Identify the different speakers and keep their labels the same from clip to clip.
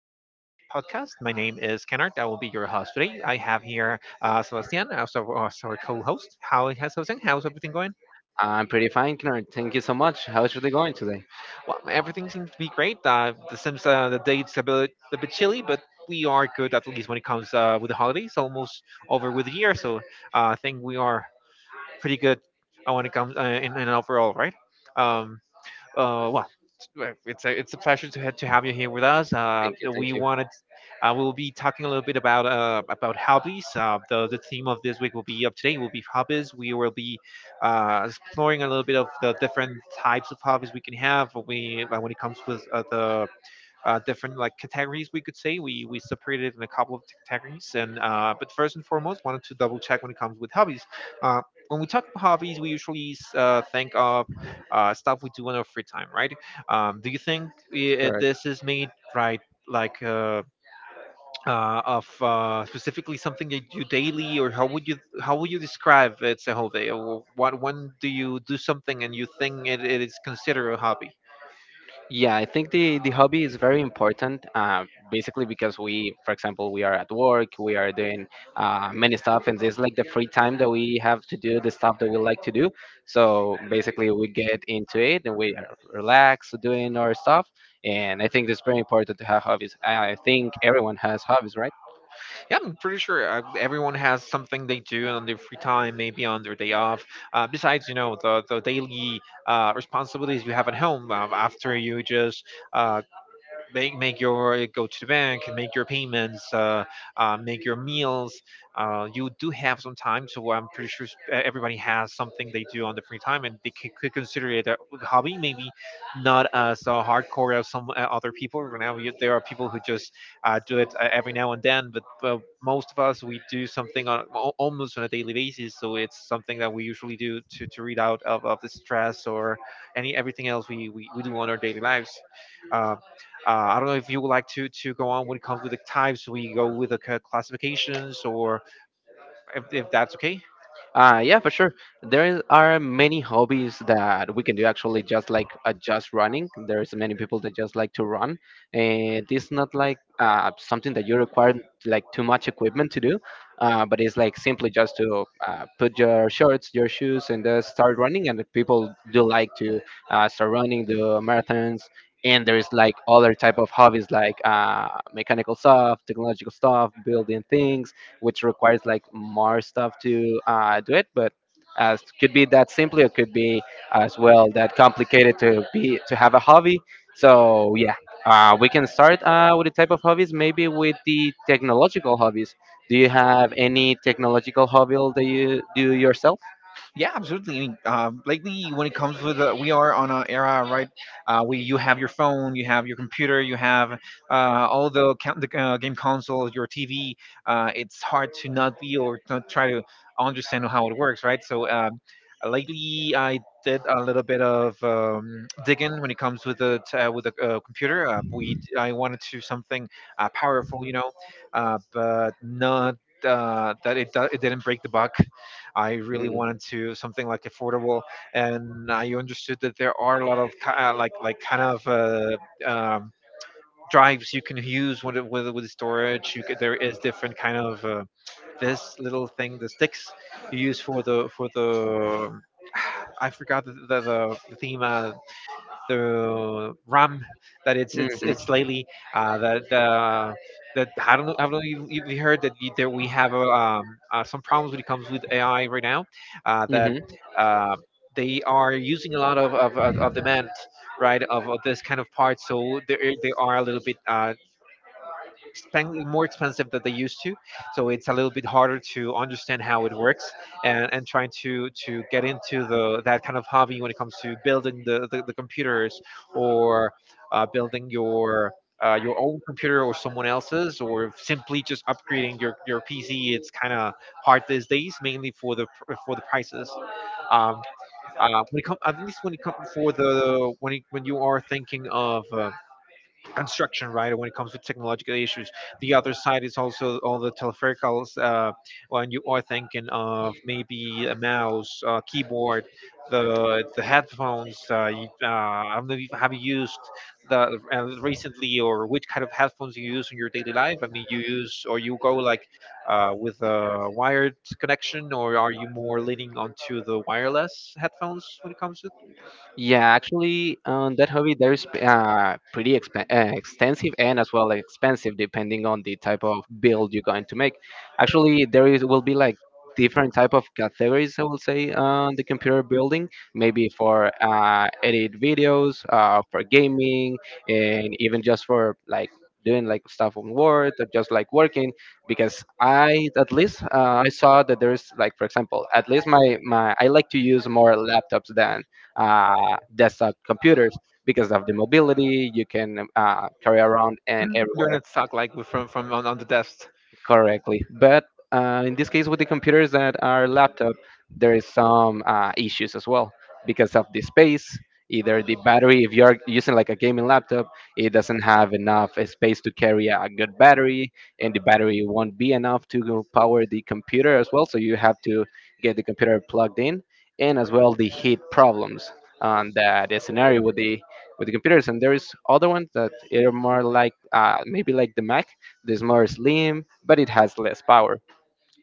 Speaker 1: daily podcast. My name is Kennard. I will be your host today. I have here Sebastian, as our co-host. How has Sebastian? How's everything going?
Speaker 2: I'm pretty fine, Kennard. Thank you so much. How's your day going today?
Speaker 1: Well, everything seems to be great. The seems the date's a bit chilly, but we are good, at least when it comes with the holidays. Almost over with the year, so I think we are pretty good when it comes in overall, right? Um, uh, well, well, it's a pleasure to to have you here with us.
Speaker 2: Thank you, thank
Speaker 1: We
Speaker 2: you.
Speaker 1: wanted we'll be talking a little bit about hobbies. The theme of this week will be up today will be hobbies. We will be exploring a little bit of the different types of hobbies we can have. We When it comes with the different like categories, we could say we separated in a couple of categories, and but first and foremost wanted to double check when it comes with hobbies uh, when we talk about hobbies we usually think of stuff we do in our free time, right? Do you think I
Speaker 2: Correct.
Speaker 1: this is made right, like? Of Specifically something that you do daily, or how would you, how would you describe it's a whole day, or what, when do you do something and you think it is considered a hobby?
Speaker 2: Yeah, I think the hobby is very important. Basically, because we, for example, we are at work, we are doing many stuff, and it's like the free time that we have to do the stuff that we like to do. So basically, we get into it and we are relax doing our stuff. And I think it's very important to have hobbies. I think everyone has hobbies.
Speaker 1: Yeah, I'm pretty sure everyone has something they do on their free time, maybe on their day off. Besides, you know, the daily responsibilities you have at home, after you just uh, make your go to the bank, make your payments, make your meals. You do have some time, so I'm pretty sure everybody has something they do on the free time, and they could consider it a hobby. Maybe not as hardcore as some other people. Right now, you, there are people who just do it every now and then, but most of us we do something on almost on a daily basis. So it's something that we usually do to read out of the stress or any everything else we do on our daily lives. Um, I don't know if you would like to go on when it comes with the types. We go with the classifications, or if that's okay.
Speaker 2: Yeah, for sure. There are many hobbies that we can do, actually, just like just running. There's many people that just like to run, and it's not like something that you require like too much equipment to do, but it's like simply just to put your shorts, your shoes, and start running. And the people do like to start running, do marathons. And there's like other type of hobbies, like mechanical stuff, technological stuff, building things, which requires like more stuff to do it. But as could be that simply, it could be as well that complicated to be to have a hobby. So yeah, we can start with the type of hobbies. Maybe with the technological hobbies. Do you have any technological hobby that you do yourself?
Speaker 1: Yeah, absolutely. I mean, lately, when it comes with we are on an era, right? We You have your phone, you have your computer, you have all the, count, the game consoles, your TV. It's hard to not be or not try to understand how it works, right? So lately, I did a little bit of digging when it comes with the with the computer. We I wanted to something powerful, you know, but not. That it, it didn't break the buck. I really
Speaker 2: Mm.
Speaker 1: wanted to something like affordable, and I understood that there are a lot of kind of um, drives you can use with storage. You could, there is different kind of this little thing, the sticks you use for the for the. I forgot the theme. The RAM, that
Speaker 2: Hmm.
Speaker 1: it's lately the that I don't know if you heard that that we have some problems when it comes with AI right now, that uh, they are using a lot of demand, right, of this kind of part, so they are a little bit spend more expensive than they used to, so it's a little bit harder to understand how it works, and trying to get into the that kind of hobby when it comes to building the computers, or building your own computer or someone else's, or simply just upgrading your PC. It's kind of hard these days, mainly for the for the prices. um, when it come, at least when it comes for the when it, when you are thinking of construction, right? When it comes to technological issues, the other side is also all the telepherical. When you are thinking of maybe a mouse, keyboard, the headphones. You, I don't know if have you used the recently, or which kind of headphones you use in your daily life. I mean, you use or you go like with a wired connection, or are you more leaning onto the wireless headphones when it comes to?
Speaker 2: Yeah, actually, that hobby there is pretty extensive and as well expensive, depending on the type of build you're going to make. Actually, there is will be like different type of categories, I will say, on the computer building. Maybe for edit videos, for gaming, and even just for like doing like stuff on Word or just like working, because I, at least I saw that there's like, for example, at least my my I like to use more laptops than desktop computers because of the mobility you can carry around and
Speaker 1: Mhm. You're
Speaker 2: everywhere.
Speaker 1: not stuck like from on the desk.
Speaker 2: Correctly. But in this case, with the computers that are laptop, there is some issues as well, because of the space. Either the battery, if you're using like a gaming laptop, it doesn't have enough space to carry a good battery, and the battery won't be enough to go power the computer as well. So you have to get the computer plugged in, and as well the heat problems on the scenario with the computers. And there is other ones that are more like maybe like the Mac. It's more slim, but it has less power.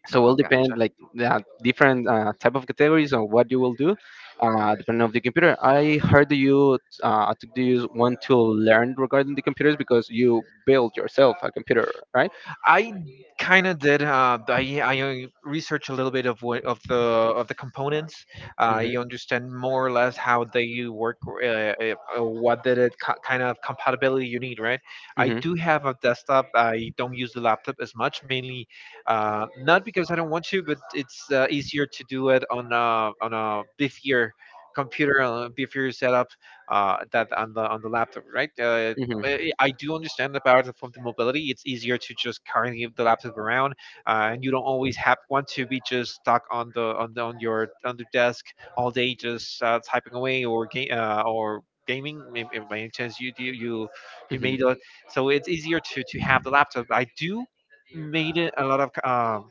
Speaker 2: So it
Speaker 1: No,
Speaker 2: will depend,
Speaker 1: gotcha.
Speaker 2: like, the different type of categories on what you will do, depending on the computer. I heard that you took this one to learn regarding the computers, because you built yourself a computer, right?
Speaker 1: I kind of did. I researched a little bit of what, of the components.
Speaker 2: Hmm.
Speaker 1: You understand more or less how they work, what did it kind of compatibility you need, right? I
Speaker 2: Hmm.
Speaker 1: do have a desktop. I don't use the laptop as much, mainly not because I don't want to, but it's easier to do it on a beefier computer, on a beefier setup that on the laptop, right? I do understand about from the mobility. It's easier to just carry the laptop around, and you don't always have want to be just stuck on the on the, on your on the desk all day, just typing away or game or gaming. If by any chance you do you you
Speaker 2: Hmm.
Speaker 1: made it, so it's easier to have the laptop. I do made it a lot of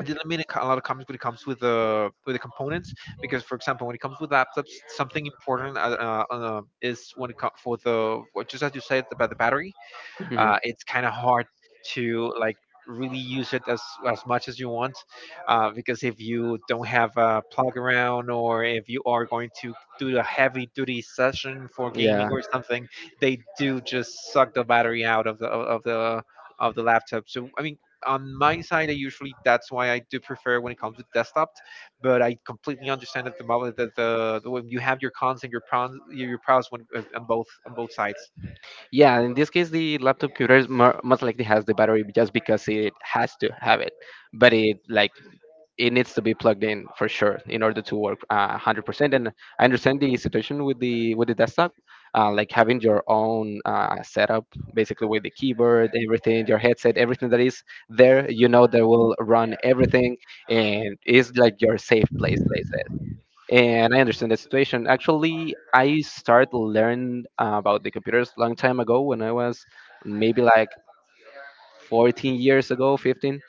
Speaker 1: they limit a a lot of comics when it comes with the components, because for example when it comes with laptops something important is when it comes for the just as you said about the battery,
Speaker 2: Hmm.
Speaker 1: it's kind of hard to like really use it as much as you want, because if you don't have a plug around or if you are going to do a heavy duty session for gaming
Speaker 2: Yeah.
Speaker 1: or something, they do just suck the battery out of the of the of the laptop. So I mean, on my side I usually, that's why I do prefer when it comes to desktop, but I completely understand at the moment that the when you have your cons and your pros, your pros when, on both sides.
Speaker 2: Yeah, in this case, the laptop computer is more, most likely has the battery just because it has to have it, but it like it needs to be plugged in for sure in order to work 100%. And I understand the situation with the desktop, like having your own setup, basically, with the keyboard, everything, your headset, everything that is there, you know, that will run everything, and is like your safe place, like that. And I understand the situation. Actually, I started learn about the computers long time ago, when I was maybe like 14 years ago, 15.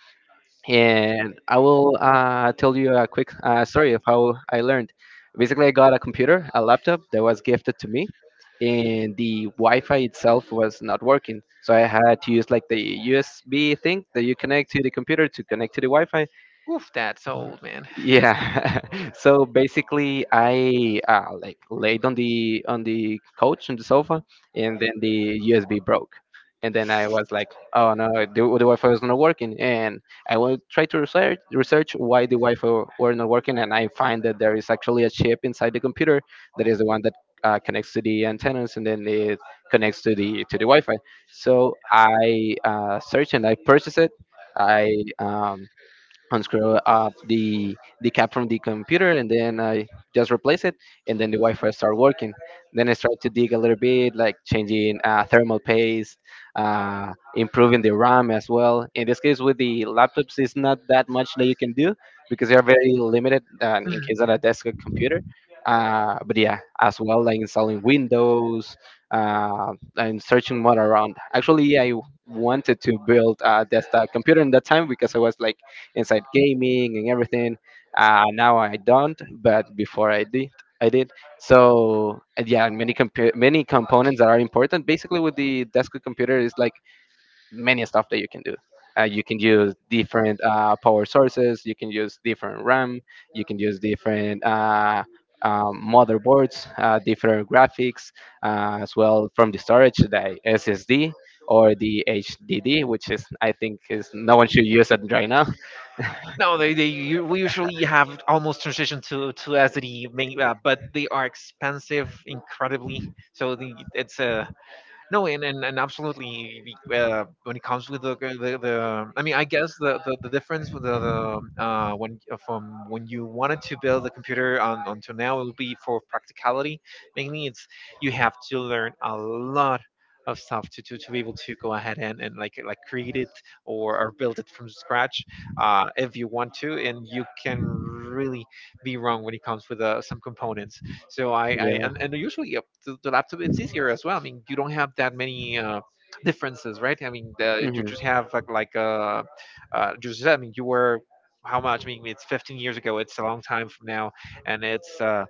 Speaker 2: And I will tell you a quick story of how I learned. Basically, I got a computer, a laptop that was gifted to me, and the Wi-Fi itself was not working, so I had to use like the USB thing that you connect to the computer to connect to the Wi-Fi.
Speaker 1: Oof, that's old, man.
Speaker 2: Yeah. So basically, I like laid on the couch, on the sofa, and then the USB broke, and then I was like, oh no, the Wi-Fi was not working. And I will try to research why the Wi-Fi were not working, and I find that there is actually a chip inside the computer, that is the one that connects to the antennas, and then it connects to the Wi-Fi. So I searched and I purchased it. I um, unscrew up the cap from the computer, and then I just replace it, and then the Wi-Fi start working. Then I start to dig a little bit, like changing thermal paste, improving the RAM as well. In this case, with the laptops, it's not that much that you can do, because they are very limited, in case of a desktop computer. But yeah, as well, like installing Windows, uh, and searching more around. Actually, I wanted to build a desktop computer in that time because I was like inside gaming and everything. Now I don't, but before I did, I did. So, and yeah, many components that are important. Basically, with the desktop computer, is like many stuff that you can do. You can use different power sources. You can use different RAM. You can use different motherboards, different graphics, as well, from the storage, the SSD or the HDD, which is, I think is no one should use it right now.
Speaker 1: No, they we usually have almost transition to SD, main, but they are expensive incredibly. So the, it's a. No, and absolutely. When it comes with the, I mean, I guess the difference with the when from when you wanted to build a computer on, until now it will be for practicality. Mainly, it's you have to learn a lot of stuff to be able to go ahead, and like create it, or build it from scratch if you want to. And you can really be wrong when it comes with some components, so I, and usually the laptop it's easier as well. I mean, you don't have that many differences, right? I mean, the, you just have like just, I mean, you were how much? I mean, it's 15 years ago. It's a long time from now, and it's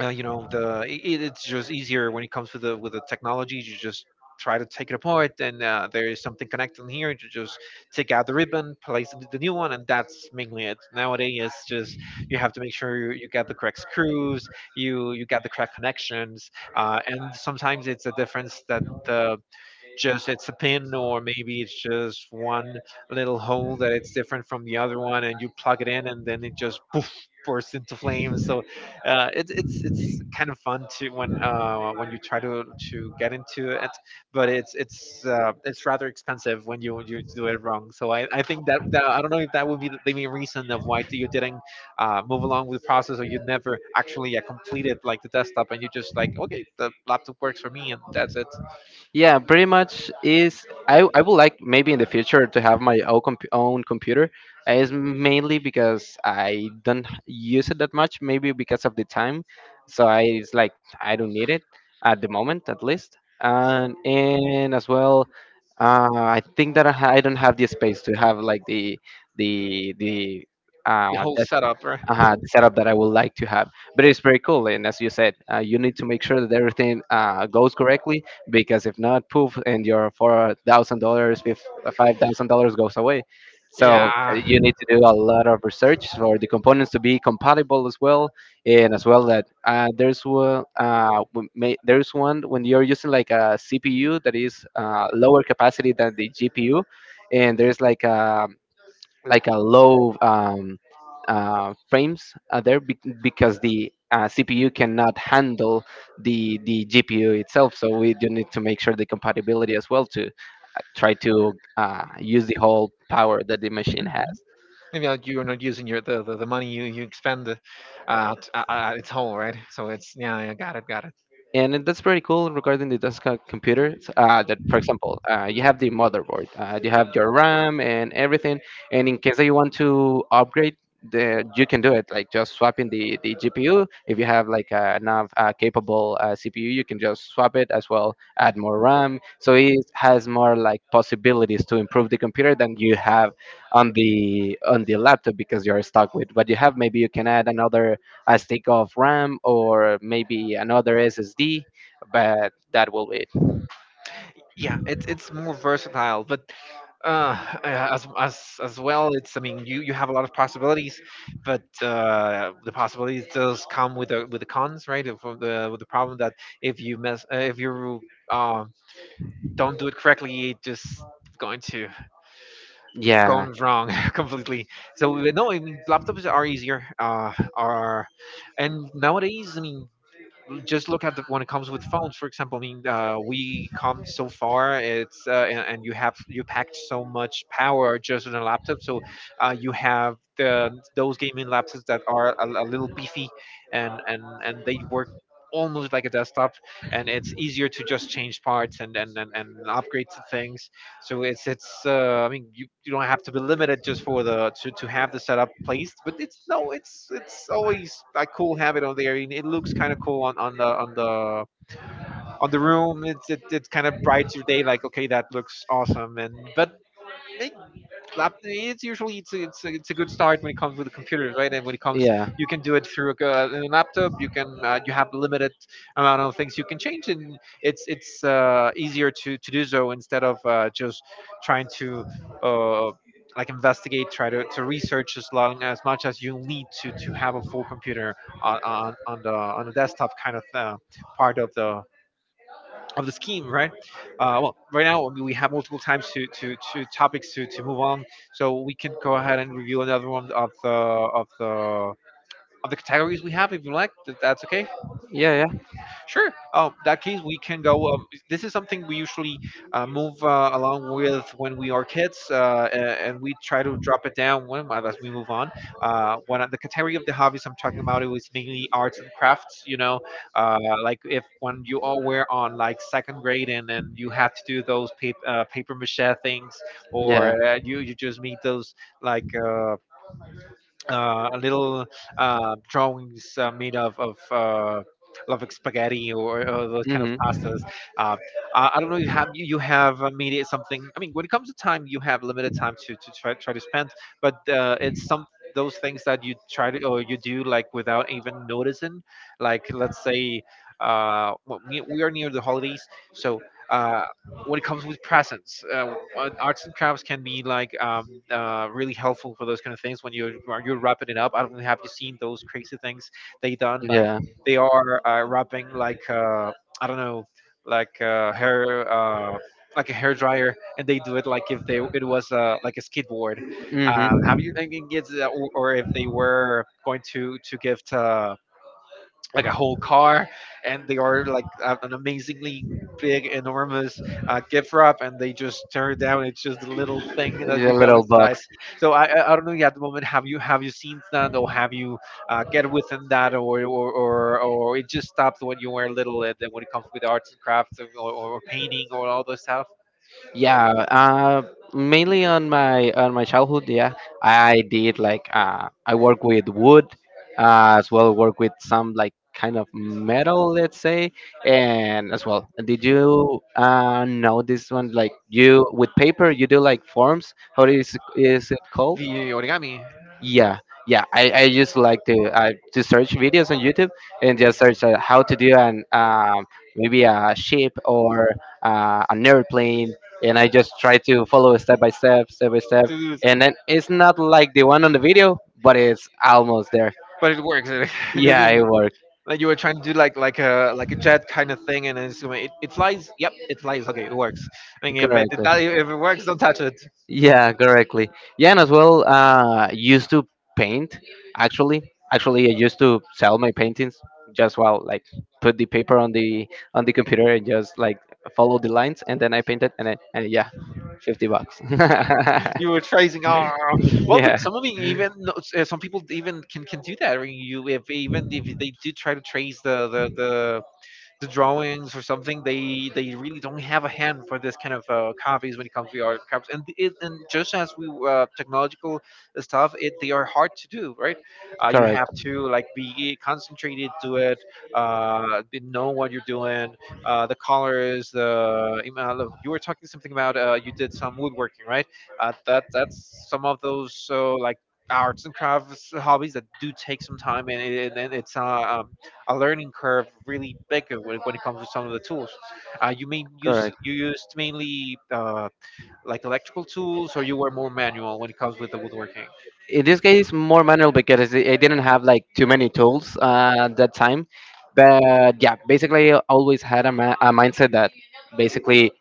Speaker 1: you know the it, it's just easier when it comes to the with the technology. You just try to take it apart, and there is something connected here. You just take out the ribbon, place the new one, and that's mainly it. Nowadays it's just you have to make sure you get the correct screws, you get the correct connections. And sometimes it's a difference that the just it's a pin, or maybe it's just one little hole that it's different from the other one, and you plug it in, and then it just poof, bursts into flames. So it's kind of fun to when you try to get into it. But it's rather expensive when you do it wrong. So I think that I don't know if that would be the main reason of why you didn't move along with the process, or you never actually completed like the desktop, and you just like, okay, the laptop works for me, and that's it.
Speaker 2: Yeah, pretty much is. I would like maybe in the future to have my own, own computer. It's mainly because I don't use it that much, maybe because of the time. So I, it's like I don't need it at the moment, at least. And as well, I think that I don't have the space to have like the
Speaker 1: The whole
Speaker 2: desktop
Speaker 1: setup, right?
Speaker 2: Setup that I would like to have. But it's very cool. And as you said, you need to make sure that everything goes correctly, because if not, poof, and your $4,000, $5,000 goes away. So
Speaker 1: Yeah.
Speaker 2: you need to do a lot of research for the components to be compatible as well, and as well that there's wo- w- may- there's one when you're using like a CPU that is lower capacity than the GPU, and there's like a low frames, because the CPU cannot handle the GPU itself. So we do need to make sure the compatibility as well, to try to use the whole power that the machine has.
Speaker 1: Maybe like you're not using the money you expend at its whole, right? So it's, yeah, yeah, got it, got it.
Speaker 2: And it- that's pretty cool regarding the desktop computers, that, for example, you have the motherboard, you have your RAM and everything. And in case that you want to upgrade, the, you can do it like just swapping the GPU. If you have like a enough capable CPU, you can just swap it, as well add more RAM, so it has more like possibilities to improve the computer than you have on the laptop, because you're stuck with what you have. Maybe you can add another a stick of RAM, or maybe another SSD, but that will be it.
Speaker 1: Yeah, it's more versatile, but uh, uh, as well, it's I mean, you have a lot of possibilities, but the possibilities does come with the cons, right? Of the problem that if you mess if you uh, don't do it correctly, it just going to
Speaker 2: Yeah,
Speaker 1: gone wrong completely. So no, I mean, laptops are easier. Are And nowadays, I mean, just look at when it comes with phones, for example. I mean, we come so far. It's And you have, you packed so much power just on a laptop. So you have the those gaming laptops that are a little beefy, and they work almost like a desktop, and it's easier to just change parts and and upgrade to things. So it's I mean, you don't have to be limited just for to have the setup placed, but it's no, it's always a cool habit on there. And it looks kind of cool on the on the on the room. It's it kind of brightens your day. Like, okay, that looks awesome. And but it it's usually it's a good start when it comes with the computers, right? And when it comes,
Speaker 2: yeah,
Speaker 1: you can do it through a laptop. You can you have limited amount of things you can change, and it's easier to do so, instead of just trying to uh, like investigate, try to research as long as much as you need to have a full computer on the desktop kind of part of the scheme, right? Well, right now we have multiple times to, to topics to move on, so we can go ahead and review another one of the categories we have, if you like. That's okay.
Speaker 2: yeah, yeah.
Speaker 1: Sure. Oh, that case we can go. This is something we usually move along with when we are kids, and we try to drop it down when as we move on. One of the category of the hobbies I'm talking about, it was mainly arts and crafts. You know, uh, like if when you all were on like second grade, and then you had to do those paper mache things, or
Speaker 2: Yeah.
Speaker 1: you just made those like. A little drawings made of love spaghetti, or those kind of
Speaker 2: Mm-hmm.
Speaker 1: pastas. Uh, I don't know. You have you have made it something. I mean, when it comes to time, you have limited time to try to spend. But it's some those things that you try to, or you do like without even noticing. Like, let's say well, we are near the holidays, so. Uh, when it comes with presents, arts and crafts can be like really helpful for those kind of things when you're wrapping it up. I don't know, have you seen those crazy things they done? Like, they are wrapping like I don't know,
Speaker 2: Yeah.
Speaker 1: like hair. Like a hair dryer, and they do it like if they it was like a skateboard.
Speaker 2: Hmm.
Speaker 1: Have you, I mean, kids, or if they were going to give like a whole car, and they are like an amazingly big, enormous gift wrap, and they just tear it down, it's just a little
Speaker 2: Just
Speaker 1: thing that
Speaker 2: a
Speaker 1: you go
Speaker 2: little
Speaker 1: inside.
Speaker 2: box.
Speaker 1: So I don't know yet at the moment, have you seen that, or have you get within that, or it just stopped when you were little, and then when it comes with arts and crafts, or painting, or all those stuff.
Speaker 2: Yeah, mainly on my childhood. Yeah, I did like I work with wood, as well work with some like kind of metal, let's say, and as well. Did you know this one? Like, you with paper, you do like forms. How is it called?
Speaker 1: The origami.
Speaker 2: Yeah, yeah. I just like to search videos on YouTube, and just search how to do an maybe a ship or an airplane. And I just try to follow step by step,
Speaker 1: To do so.
Speaker 2: and then it's not like the one on the video, but it's almost there.
Speaker 1: But it works. I
Speaker 2: Yeah,
Speaker 1: mean,
Speaker 2: it works.
Speaker 1: like you were trying to do like like a jet kind of thing, and it's going, it flies. Yep, it flies. Okay, it works. I mean, if
Speaker 2: Correctly.
Speaker 1: if it works, don't touch it.
Speaker 2: Yeah, correctly. Yeah, and as well, used to paint. Actually, actually, I used to sell my paintings, just while like put the paper on the computer and just like follow the lines, and then I painted, and then, and yeah, $50.
Speaker 1: You were tracing. Oh, well,
Speaker 2: Yeah,
Speaker 1: but some of the even some people even can do that. I mean, you if even if they do try to trace the drawings or something, they really don't have a hand for this kind of copies when it comes to the art copies. And it, and just as we technological stuff, it they are hard to do, right? You
Speaker 2: correct.
Speaker 1: have to like be concentrated to it, know what you're doing, the colors, the amount of— you were talking something about you did some woodworking, right? That's some of those, so like arts and crafts hobbies that do take some time, and, and it's a learning curve really bigger when it comes to some of the tools. You mean use
Speaker 2: Correct.
Speaker 1: you used mainly like electrical tools, or you were more manual when it comes with the woodworking?
Speaker 2: In this case, more manual, because I didn't have like too many tools at that time. But yeah, basically I always had a, a mindset that basically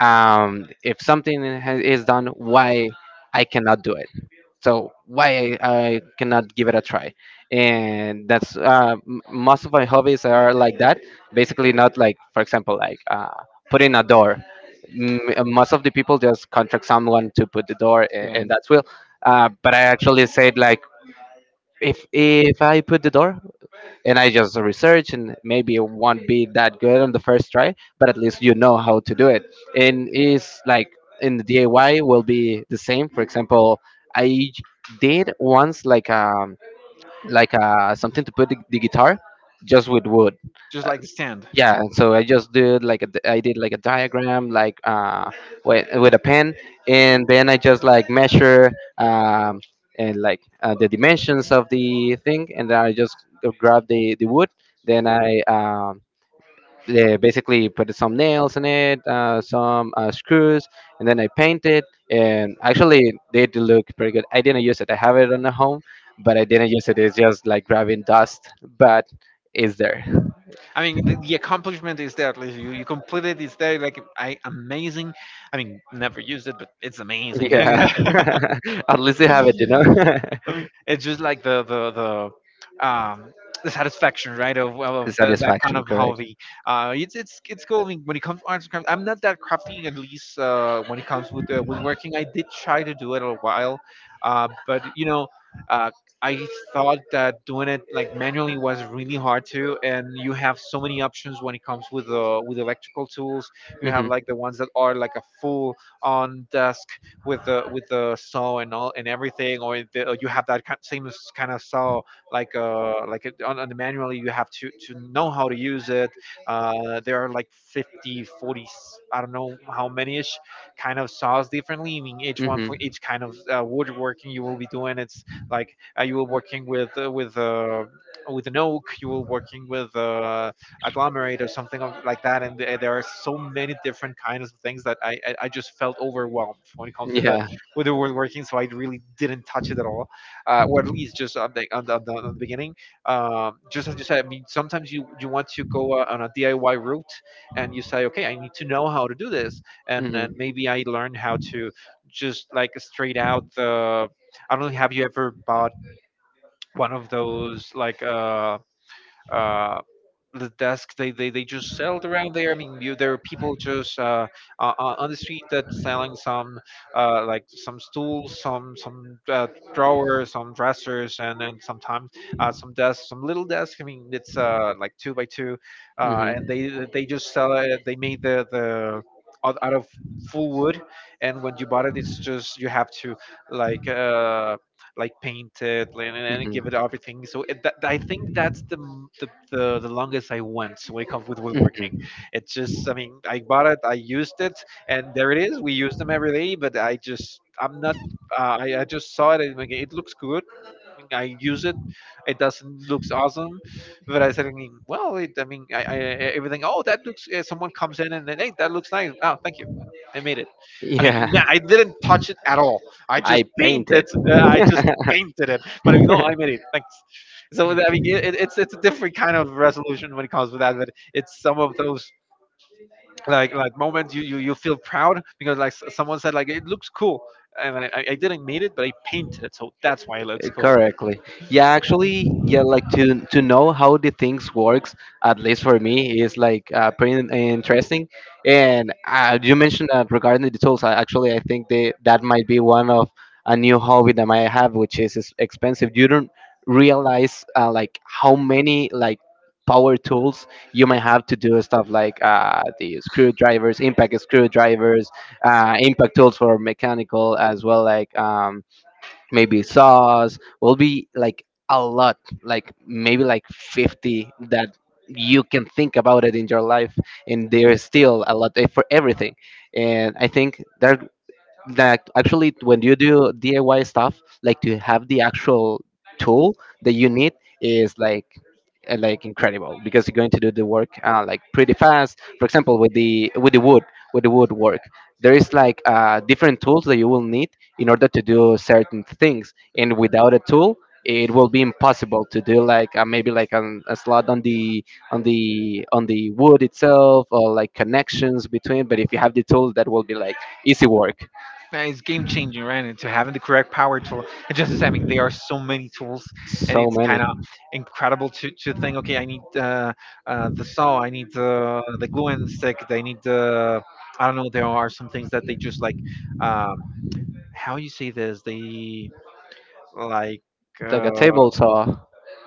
Speaker 2: if is done, why I cannot do it, so why I cannot give it a try. And most of my hobbies are like that, basically. Not like, for example, like putting a door. Most of the people just contract someone to put the door, and,
Speaker 1: Yeah,
Speaker 2: and that's will. But I actually said, like, if I put the door and I just research, and maybe it won't be that good on the first try, but at least you know how to do it. And it's like, in the DIY will be the same. For example, I did once like something to put the guitar, just with wood.
Speaker 1: just like the stand.
Speaker 2: Yeah, and so I just did like a I did like a diagram like with a pen, and then I just like measure, um and like the dimensions of the thing, and then I just grab the wood, then I yeah, basically put some nails in it, some screws, and then I paint it. And actually they do look pretty good. I didn't use it, I have it on the home, but I didn't use it, it's just like grabbing dust, but it's there.
Speaker 1: I mean, the accomplishment is there. Like you completed, it's there. Like, I amazing. I mean, never used it, but it's amazing.
Speaker 2: Yeah. At least you have it, you know?
Speaker 1: I mean, it's just like the satisfaction, right? Of
Speaker 2: The
Speaker 1: of the, that kind
Speaker 2: satisfaction,
Speaker 1: of
Speaker 2: correct.
Speaker 1: hobby. It's it's cool. I mean, when it comes to arts and crafts, I'm not that crafty. At least when it comes with woodworking, I did try to do it a while, but you know. Uh, I thought that doing it like manually was really hard too, and you have so many options when it comes with electrical tools. You have
Speaker 2: Hmm
Speaker 1: like the ones that are like a full on desk with the saw and all and everything, or or you have that kind, kind of saw like on the manually, you have to know how to use it. There are like 50, 40, 40, s- I don't know how many ish kind of saws differently. I mean, each one
Speaker 2: hmm.
Speaker 1: for each kind of woodworking you will be doing. It's like you were working with with an oak. You were working with agglomerate, or something of, like that. And there are so many different kinds of things that I just felt overwhelmed when it comes to the
Speaker 2: Yeah.
Speaker 1: with the word working. So I really didn't touch it at all, or at least just on on the beginning. Just as you said, I mean, sometimes you want to go on a DIY route, and you say, okay, I need to know how to do this. And
Speaker 2: Hmm hmm.
Speaker 1: then maybe I learn how to just like straight out I don't know, have you ever bought one of those like, uh, the desk they just sell it around there. I mean, there are people just on the street that selling some like some stools, some drawers, some dressers, and then sometimes some desks, some little desks. I mean, it's like two by two, and they just sell it. They made the out of full wood, and when you bought it, it's just you have to like. Like paint it, and
Speaker 2: Mhm.
Speaker 1: give it everything. So I think that's the, the longest I went when it comes with woodworking.
Speaker 2: Mhm.
Speaker 1: It just, I mean, I bought it, I used it, and there it is. We use them every day, but I just, I'm not. I just saw it, and like, it looks good. I mean, I use it. It doesn't looks awesome, but I said, I mean, well, it, I mean, everything. Oh, that looks. Someone comes in, and then, hey, that looks nice. Oh, thank you. I made it. I mean,
Speaker 2: Yeah,
Speaker 1: I didn't touch it at all. I just
Speaker 2: I
Speaker 1: painted.
Speaker 2: painted.
Speaker 1: I just painted it, but you know, I made it. Thanks. It's a different kind of resolution when it comes to that, but it's some of those like moments you feel proud because someone said like it looks cool, and I didn't made it, but I painted it, so that's why it looks cool.
Speaker 2: Correctly. Yeah, actually, yeah, like, to know how the things works, at least for me, is like pretty interesting. And you mentioned that regarding the tools. Actually, I think that might be one of a new hobby that I have, which is expensive. You don't realize like how many like power tools you might have to do stuff, like the screwdrivers, impact screwdrivers, impact tools for mechanical as well, like maybe sauce will be like a lot, like maybe like 50, that you can think about it in your life, and there's still a lot, eh, for everything. And I think that, like, actually when you do DIY stuff, like to have the actual tool that you need is like incredible, because you're going to do the work like pretty fast. For example, with the with the wood work, there is like different tools that you will need in order to do certain things, and without a tool, it will be impossible to do like maybe like a slot on the on the wood itself, or like connections between. But if you have the tool, that will be like easy work.
Speaker 1: It's game changing, right? And to having the correct power tool, and just as there are so many tools, and
Speaker 2: So
Speaker 1: it's
Speaker 2: many.
Speaker 1: kind of incredible to think, okay, I need the saw, I need the glue and stick, I need the, I don't know, there are some things that they just like, um, how you say this, they like.
Speaker 2: Like a
Speaker 1: Uh,
Speaker 2: table saw.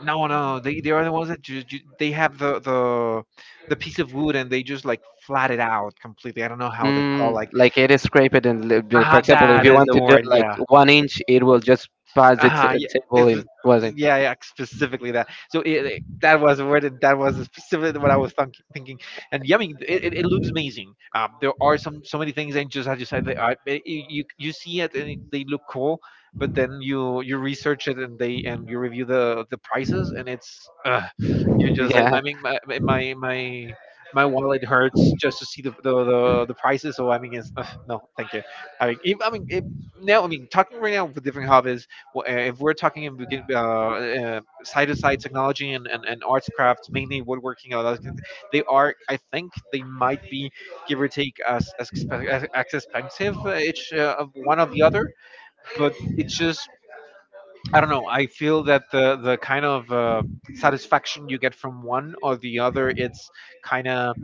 Speaker 1: no, they are the ones that they have the piece of wood and they just like flat it out completely. I don't know how they call
Speaker 2: Mm,
Speaker 1: like
Speaker 2: like it is scraped and for
Speaker 1: ah
Speaker 2: example, if
Speaker 1: that
Speaker 2: you
Speaker 1: is
Speaker 2: want
Speaker 1: the
Speaker 2: to do
Speaker 1: word.
Speaker 2: like
Speaker 1: Yeah,
Speaker 2: one inch, it will just pass the
Speaker 1: ah, yeah,
Speaker 2: table
Speaker 1: it
Speaker 2: in,
Speaker 1: was,
Speaker 2: wasn't?
Speaker 1: yeah, yeah, specifically that. So that was where did, that was specifically what I was thinking. And yeah, I mean, it looks amazing. There are some so many things, and just as you said, they are, eh, you see it and it, they look cool, but then you research it and they and you review the prices, and it's you just like
Speaker 2: Yeah.
Speaker 1: I mean, my wallet hurts just to see the prices. So I mean, it's no, thank you. I mean, if, I mean. It, now, I mean, talking right now with different hobbies, w- if we're talking in side-to-side technology and arts crafts, mainly woodworking and all that, they are, I think, they might be give or take as as expensive each of one of the other. But it's just, I don't know. I feel that the kind of satisfaction you get from one or the other, it's kind of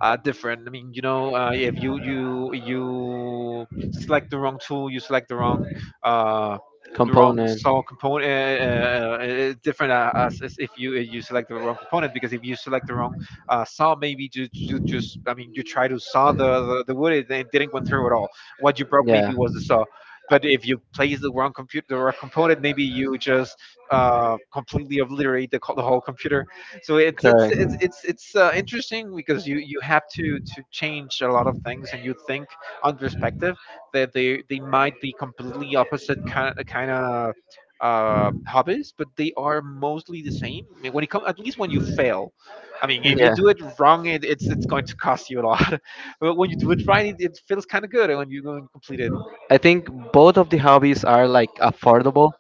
Speaker 1: different. I mean, you know, if you select the wrong tool, you select uh, the wrong
Speaker 2: Component.
Speaker 1: saw component. It's different as if you select the wrong component because if you select the wrong saw, maybe you, you just I mean, you try to saw the, the wood, it didn't go through at all. What you broke
Speaker 2: Yeah.
Speaker 1: maybe was the saw. But if you place the wrong computer, the wrong component, maybe you just completely obliterate the whole computer, so it's it's
Speaker 2: Correct.
Speaker 1: it's it's it's uh, interesting because you have to change a lot of things and you think on perspective that they might be completely opposite kind of hobbies but they are mostly the same. I mean, when it comes at least when you fail, I mean if you
Speaker 2: Yeah.
Speaker 1: do it wrong it's going to cost you a lot but when you do it right it feels kind of good when you go and complete it
Speaker 2: I think both of the hobbies are like affordable,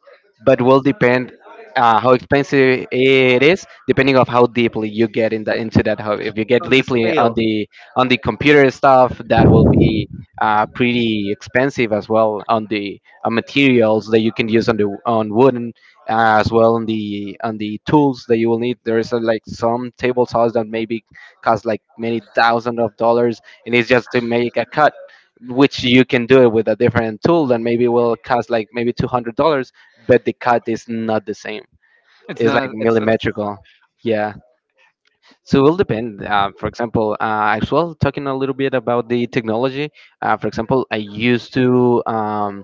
Speaker 2: but will depend how expensive it is depending of how deeply you get in the, into that hobby. If you get
Speaker 1: on the
Speaker 2: deeply
Speaker 1: scale.
Speaker 2: on the computer stuff, that will be pretty expensive, as well on the materials that you can use on the on wooden, as well on the tools that you will need. There is like some table saws that maybe cost like many thousands of dollars, and it's just to make a cut. Which you can do it with a different tool that maybe will cost like maybe $200, but the cut is not the same.
Speaker 1: It's
Speaker 2: It's
Speaker 1: not
Speaker 2: like
Speaker 1: a, it's a
Speaker 2: millimetrical. Yeah. So it will depend. For example, as well, talking a little bit about the technology. For example, I used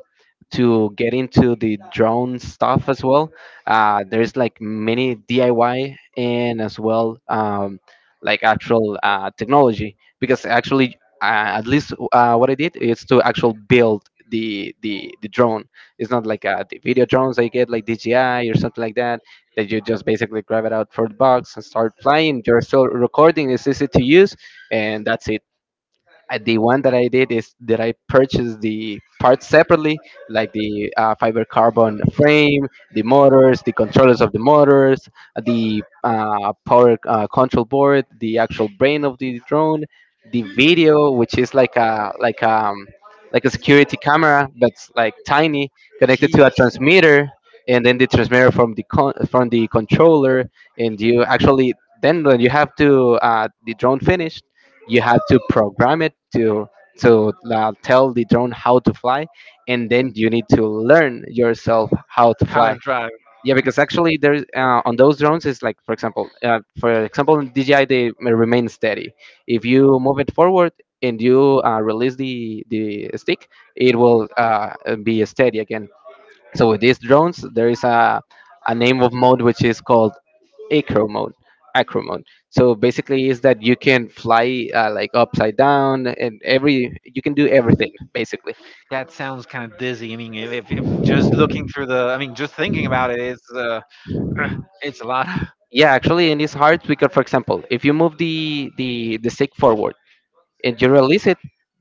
Speaker 2: to get into the drone stuff as well. There's like many DIY, and as well like actual technology, because actually at least what I did is to actual build the drone. It's not like the video drones I get like DJI or something like that, that you just basically grab it out for the box and start flying. You're still recording, it's easy to use, and that's it. The one that I did is that I purchased the parts separately, like the fiber carbon frame, the motors, the controllers of the motors, the power control board, the actual brain of the drone, the video, which is like a like like a security camera, but it's like tiny, connected
Speaker 1: geez
Speaker 2: to a transmitter, and then the transmitter from the from the controller. And you actually, then when you have to the drone finished, you have to program it to tell the drone how to fly, and then you need to learn yourself how to
Speaker 1: how to
Speaker 2: fly.
Speaker 1: drive.
Speaker 2: Yeah, because actually there's on those drones is like, for example in DJI, they may remain steady. If you move it forward and you release the stick, it will be steady again. So with these drones there is a name of mode which is called acro mode, acro mode. So basically is that you can fly like upside down, and every, you can do everything basically.
Speaker 1: That sounds kind of dizzy. I mean, if just looking through the, I mean, just thinking about it, it's it's a lot.
Speaker 2: Yeah, actually, and it's hard because, for example, if you move the stick forward and you release it,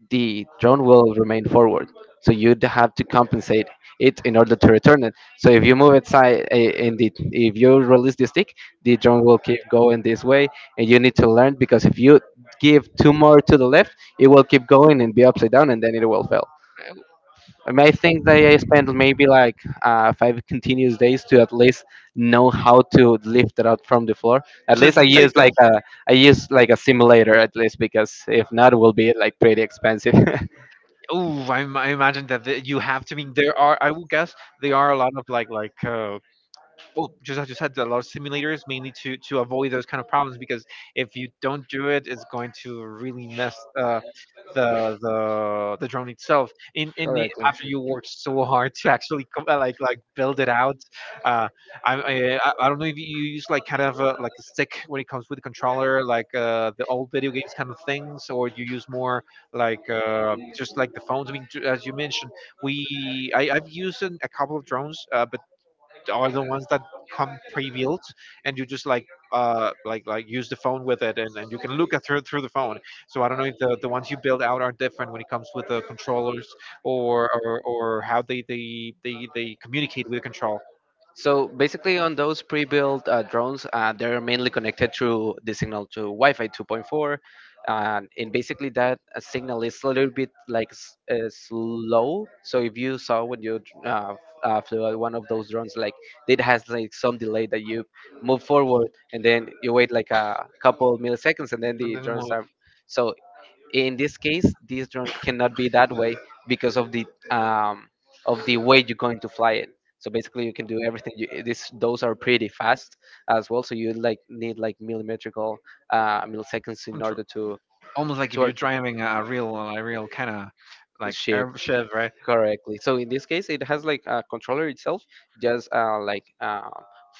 Speaker 2: the drone will remain forward. So you'd have to compensate it in order to return it. So if you move it side, eh, and the, if you release the stick, the drone will keep going this way, and you need to learn, because if you give two more to the left, it will keep going and be upside down, and then it will fail. I think that I spent maybe like five continuous days to at least know how to lift it out from the floor. At
Speaker 1: just
Speaker 2: least I
Speaker 1: to
Speaker 2: use
Speaker 1: take up.
Speaker 2: like a, I use like a simulator, at least, because if not, it will be like pretty expensive.
Speaker 1: Oh, I imagine that the, you have to. I mean, there are. I would guess there are a lot of well, just as you said, a lot of simulators mainly to avoid those kind of problems because if you don't do it, it's going to really mess the drone itself. In the,
Speaker 2: Correctly.
Speaker 1: after you work so hard to actually like build it out. Uh, I, I I don't know if you use like kind of a, like a stick when it comes with the controller, like the old video games kind of things, or you use more like just like the phones. I mean, as you mentioned, we I've used an, a couple of drones, but are the ones that come pre-built and you just like like use the phone with it, and you can look at through the phone, so I don't know if the, the ones you build out are different when it comes with the controllers or or how they communicate with the control.
Speaker 2: So basically, on those pre-built drones, they're mainly connected through the signal to Wi-Fi 2.4, and basically that signal is a little bit like slow. So if you saw when you uh, f- flew out one of those drones, like it has like some delay, that you move forward and then you wait like a couple milliseconds, and then
Speaker 1: And
Speaker 2: the
Speaker 1: then
Speaker 2: drones
Speaker 1: we'll-
Speaker 2: are. So in this case, this drone cannot be that way because of the way you're going to fly it. So basically you can do everything you, this, those are pretty fast as well, so you like need like millimetrical milliseconds
Speaker 1: I
Speaker 2: in order
Speaker 1: almost like
Speaker 2: to
Speaker 1: if you're
Speaker 2: work.
Speaker 1: driving a real kind of like
Speaker 2: Ship.
Speaker 1: airship, right?
Speaker 2: Correctly. So in this case, it has like a controller itself, just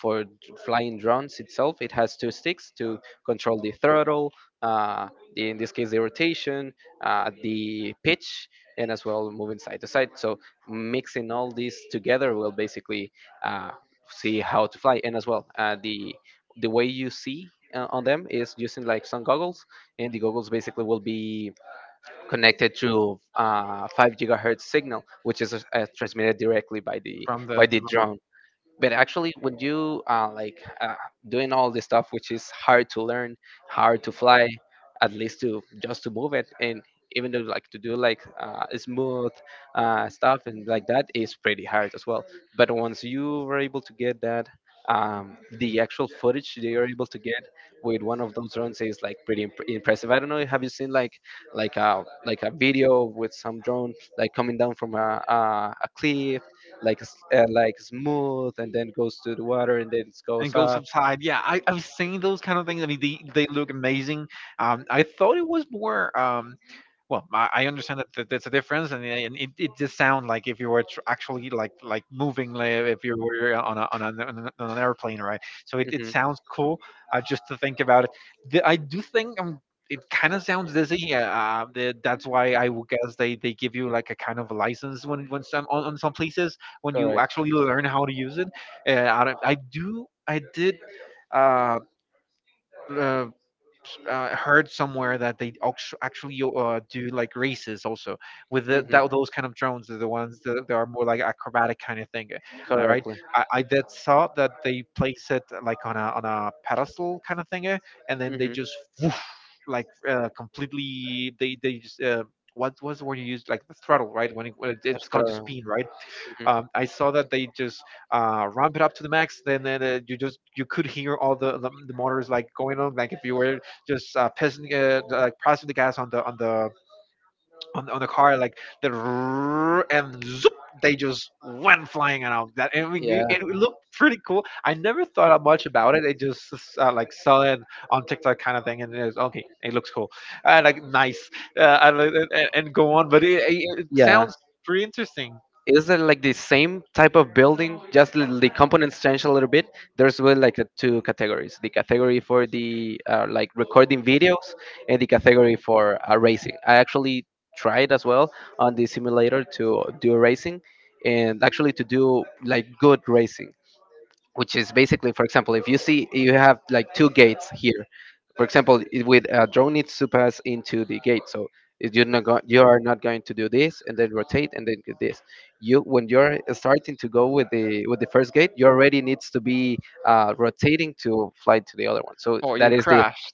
Speaker 2: for d- flying drones itself. It has two sticks to control the throttle, uh, the, in this case, the rotation, the pitch, and as well moving side to side. So mixing all these together will basically uh, see how to fly. And as well the way you see on them is using like some goggles, and the goggles basically will be connected to 5 GHz gigahertz signal, which is transmitted directly
Speaker 1: From the
Speaker 2: by the
Speaker 1: from the-
Speaker 2: drone. But actually when you doing all this stuff, which is hard to learn, hard to fly, at least to just to move it, and even though like to do like smooth stuff and like that is pretty hard as well, but once you were able to get that, the actual footage they are able to get with one of those drones is like pretty impressive. I don't know, have you seen like like a video with some drone like coming down from a a cliff, like like smooth, and then goes to the water, and then it
Speaker 1: and
Speaker 2: goes
Speaker 1: goes
Speaker 2: up.
Speaker 1: upside. Yeah, I, I've seen those kind of things. I mean, they look amazing. I thought it was more. Well, I understand that there's a difference, and, and it, it just sounds like if you were actually like moving, like if you were on a, on, an on an on an airplane, right? So it
Speaker 2: Mhm.
Speaker 1: sounds cool. Just to think about it, the, I do think it kind of sounds dizzy. The, that's why I would guess they give you like a kind of a license when some on some places when you
Speaker 2: Correct.
Speaker 1: actually learn how to use it. I, don't- I do I did uh, uh, heard somewhere that they actually do like races also with the,
Speaker 2: Mhm.
Speaker 1: that those kind of drones are the ones that, that are more like acrobatic kind of thing, right.
Speaker 2: Correctly.
Speaker 1: I did saw that they place it like on a pedestal kind of thing, and then they
Speaker 2: Mhm.
Speaker 1: just woof, like completely they just what was the word you used like the throttle right when, it, when
Speaker 2: It's
Speaker 1: it's gone to
Speaker 2: thorough.
Speaker 1: speed right. I saw that they just ramp it up to the max. Then you just you could hear all the, the motors like going on, like if you were just pressing like pressing the gas on on the car, like the rrrr and zoop, they just went flying
Speaker 2: Mhm.
Speaker 1: out. That I mean, it
Speaker 2: Yeah.
Speaker 1: it looked pretty cool. I never thought of much about it. It just like saw it on TikTok kind of thing, and it was okay. It looks cool, like nice, uh, and, and go on. But it
Speaker 2: Yeah.
Speaker 1: sounds pretty interesting.
Speaker 2: Is it like the same type of building? Just the components change a little bit. There's really like the two categories: the category for the like recording videos, and the category for racing. I actually tried as well on the simulator to do racing, and actually to do like good racing which is basically for example if you see you have like two gates here for example with a drone needs to pass into the gate so if you're not you are not going to do this and then rotate and then do this you when you're starting to go with the first gate you already needs to be rotating to fly to the other one. So
Speaker 1: Or you
Speaker 2: that is the
Speaker 1: crashed.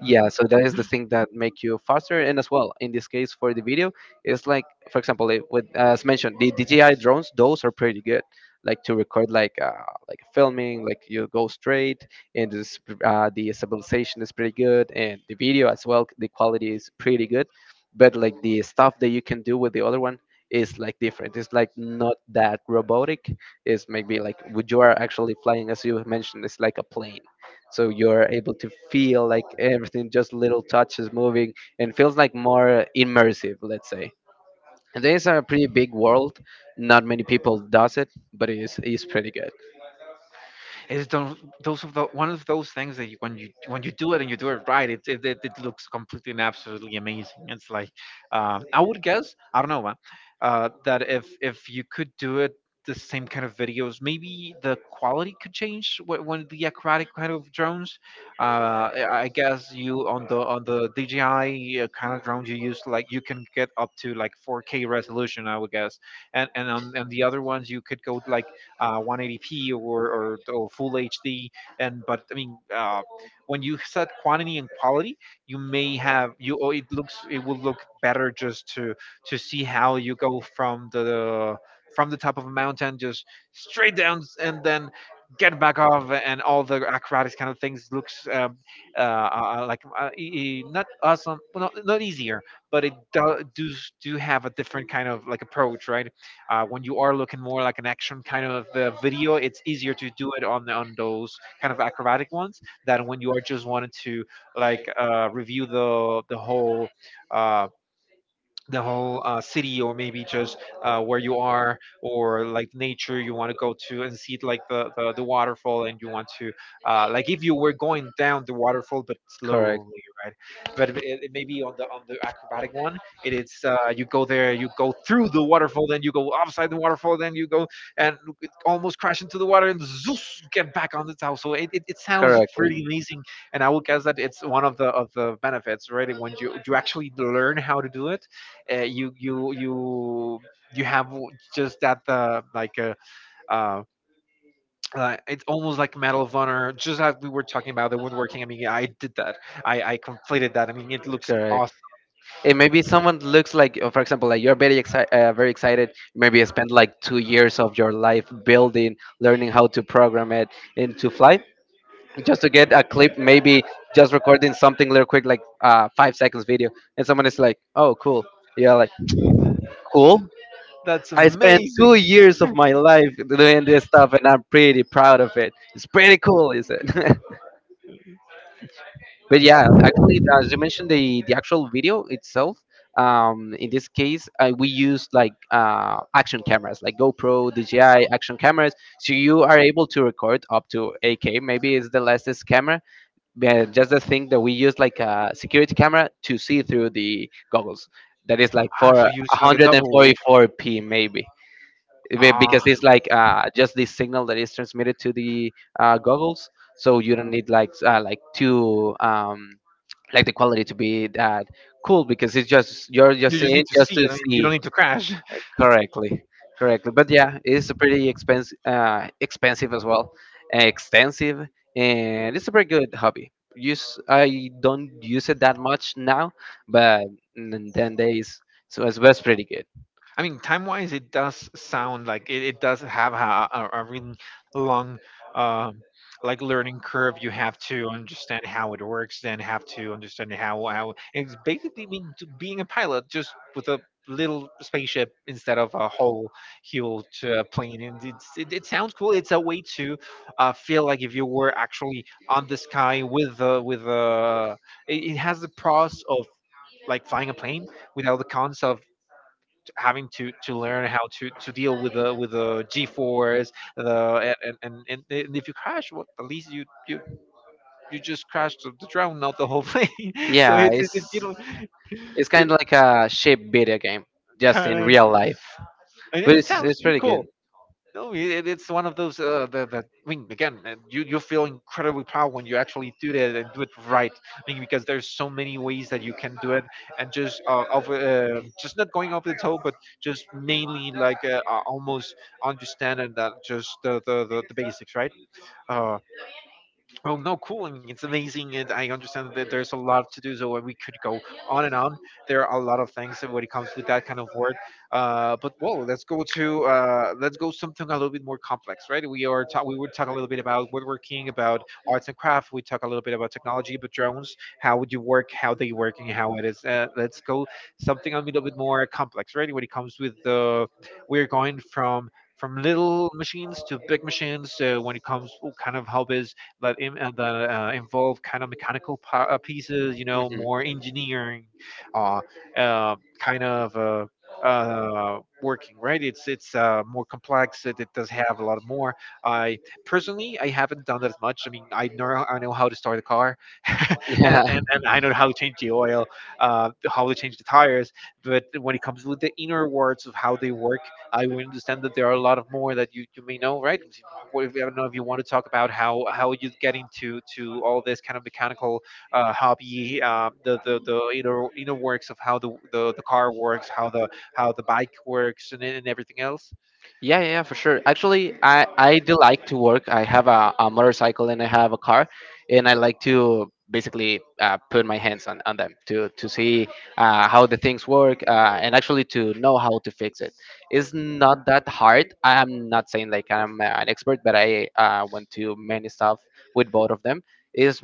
Speaker 2: Yeah, so that is the thing that make you faster, and as well in this case for the video it's like for example with as mentioned the DJI drones those are pretty good like to record like filming, like you go straight and the stabilization is pretty good and the video as well the quality is pretty good, but like the stuff that you can do with the other one is like different, it's like not that robotic, it's maybe like would you are actually flying, as you mentioned it's like a plane, so you're able to feel like everything just little touches moving and feels like more immersive, let's say. And this is a pretty big world, not many people does it but it is pretty good.
Speaker 1: It's those of the, one of those things that you, when you when you do it and you do it right, it looks completely and absolutely amazing. It's like I would guess I don't know man, that if you could do it the same kind of videos, maybe the quality could change when the aquatic kind of drones. I guess you on the DJI kind of drones you use like you can get up to like 4K resolution. I would guess, and on and the other ones you could go like 180p or, or oh, full HD. And but I mean, when you set quantity and quality, you may have you. Or it looks it will look better just to see how you go from the top of a mountain just straight down and then get back off and all the acrobatics kind of things looks like not awesome, well, not, not easier but it do have a different kind of like approach, right? When you are looking more like an action kind of video, it's easier to do it on on those kind of acrobatic ones than when you are just wanting to like review the whole. Uh, the whole city or maybe just where you are or like nature you want to go to and see like the waterfall and you want to like if you were going down the waterfall but
Speaker 2: Correct.
Speaker 1: slowly, right? But it maybe on the acrobatic one it is you go there you go through the waterfall then you go upside the waterfall then you go and almost crash into the water and zoos, get back on the top, so it sounds
Speaker 2: Correctly.
Speaker 1: pretty amazing. And I would guess that it's one of the benefits, right? When you actually learn how to do it, uh, you you you you have just that like a uh, it's almost like Medal of Honor, just like we were talking about the woodworking. I mean, I did that. I completed that. I mean, it looks awesome.
Speaker 2: Correct. And maybe someone looks like for example like you're very excited, very excited, maybe you spent like 2 years of your life building, learning how to program it and to fly, just to get a clip, maybe just recording something real quick like 5 seconds video, and someone is like, "Oh, cool. Yeah." Like, "Cool."
Speaker 1: That's
Speaker 2: I spent two
Speaker 1: amazing.
Speaker 2: years of my life doing this stuff and I'm pretty proud of it, it's pretty cool. Is it? But yeah, actually, as you mentioned, the actual video itself. In this case, we use like action cameras, like GoPro, DJI action cameras. So you are able to record up to 8K. Maybe it's the latest camera, but just the thing that we use like a security camera to see through the goggles. That is like
Speaker 1: Ah, so
Speaker 2: for
Speaker 1: you it's like a double.
Speaker 2: 144p maybe, Be-
Speaker 1: Ah,
Speaker 2: because it's like just the signal that is transmitted to the goggles, so you don't need like like two, like the quality to be that cool because it's just you're
Speaker 1: you
Speaker 2: just
Speaker 1: just need
Speaker 2: seeing
Speaker 1: to
Speaker 2: just
Speaker 1: see
Speaker 2: to
Speaker 1: it. I mean, you
Speaker 2: see.
Speaker 1: don't need to crash.
Speaker 2: Correctly. Correctly. But yeah, it's a pretty expensive, expensive as well, extensive. And it's a pretty good hobby use, I don't use it that much now, but then days. So it's pretty good.
Speaker 1: I mean, time wise, it does sound like it does have a really long, um, like learning curve. You have to understand how it works, then have to understand how it's basically mean to being a pilot, just with a little spaceship instead of a whole huge plane. And it sounds cool. It's a way to feel like if you were actually on the sky with it has the pros of like flying a plane without the cons of having to learn how to deal with the g-force the and if you crash, well, at least you just crashed the drone, not the whole plane. So
Speaker 2: Yeah,
Speaker 1: it's, it's, it's you
Speaker 2: it's
Speaker 1: know
Speaker 2: it's kind
Speaker 1: It
Speaker 2: of like a shape video game, just
Speaker 1: kind
Speaker 2: in
Speaker 1: of.
Speaker 2: real life,
Speaker 1: And
Speaker 2: but
Speaker 1: it
Speaker 2: it's
Speaker 1: sounds
Speaker 2: it's
Speaker 1: pretty
Speaker 2: pretty good.
Speaker 1: cool. No, it's one of those that I mean, again, you feel incredibly proud when you actually do that and do it right. I mean, because there's so many ways that you can do it, and just just not going over the top, but just mainly like almost understanding that just the basics, right? Uh, well, no, cool. It's amazing, and I understand that there's a lot to do, so we could go on and on. There are a lot of things when it comes with that kind of word. But well, let's go to let's go something a little bit more complex, right? We would talk a little bit about woodworking, about arts and craft. We talk a little bit about technology, but drones, how would you work, how they work, and how it is. Let's go something a little bit more complex, right? When it comes we're going from little machines to big machines when it comes, oh, kind of how is that, that involve kind of mechanical pieces,
Speaker 2: Mhm.
Speaker 1: more engineering, uh, kind of. Working, right? It's more complex. It does have a lot more. I personally, I haven't done that as much. I mean, I know how to start a car and, and
Speaker 2: Yeah.
Speaker 1: and I know how to change the oil, how to change the tires, but when it comes with the inner words of how they work, I would understand that there are a lot of more that you may know, right? What if, I don't know if you want to talk about how you get into to all this kind of mechanical hobby, the inner works of how the car works, how the bike works, and everything else.
Speaker 2: Yeah, yeah, yeah, for sure. Actually, I do like to work. I have a motorcycle and I have a car, and I like to basically put my hands on them to see how the things work, and actually to know how to fix it. It's not that hard. I am not saying like I'm an expert, but I went to many stuff with both of them. Is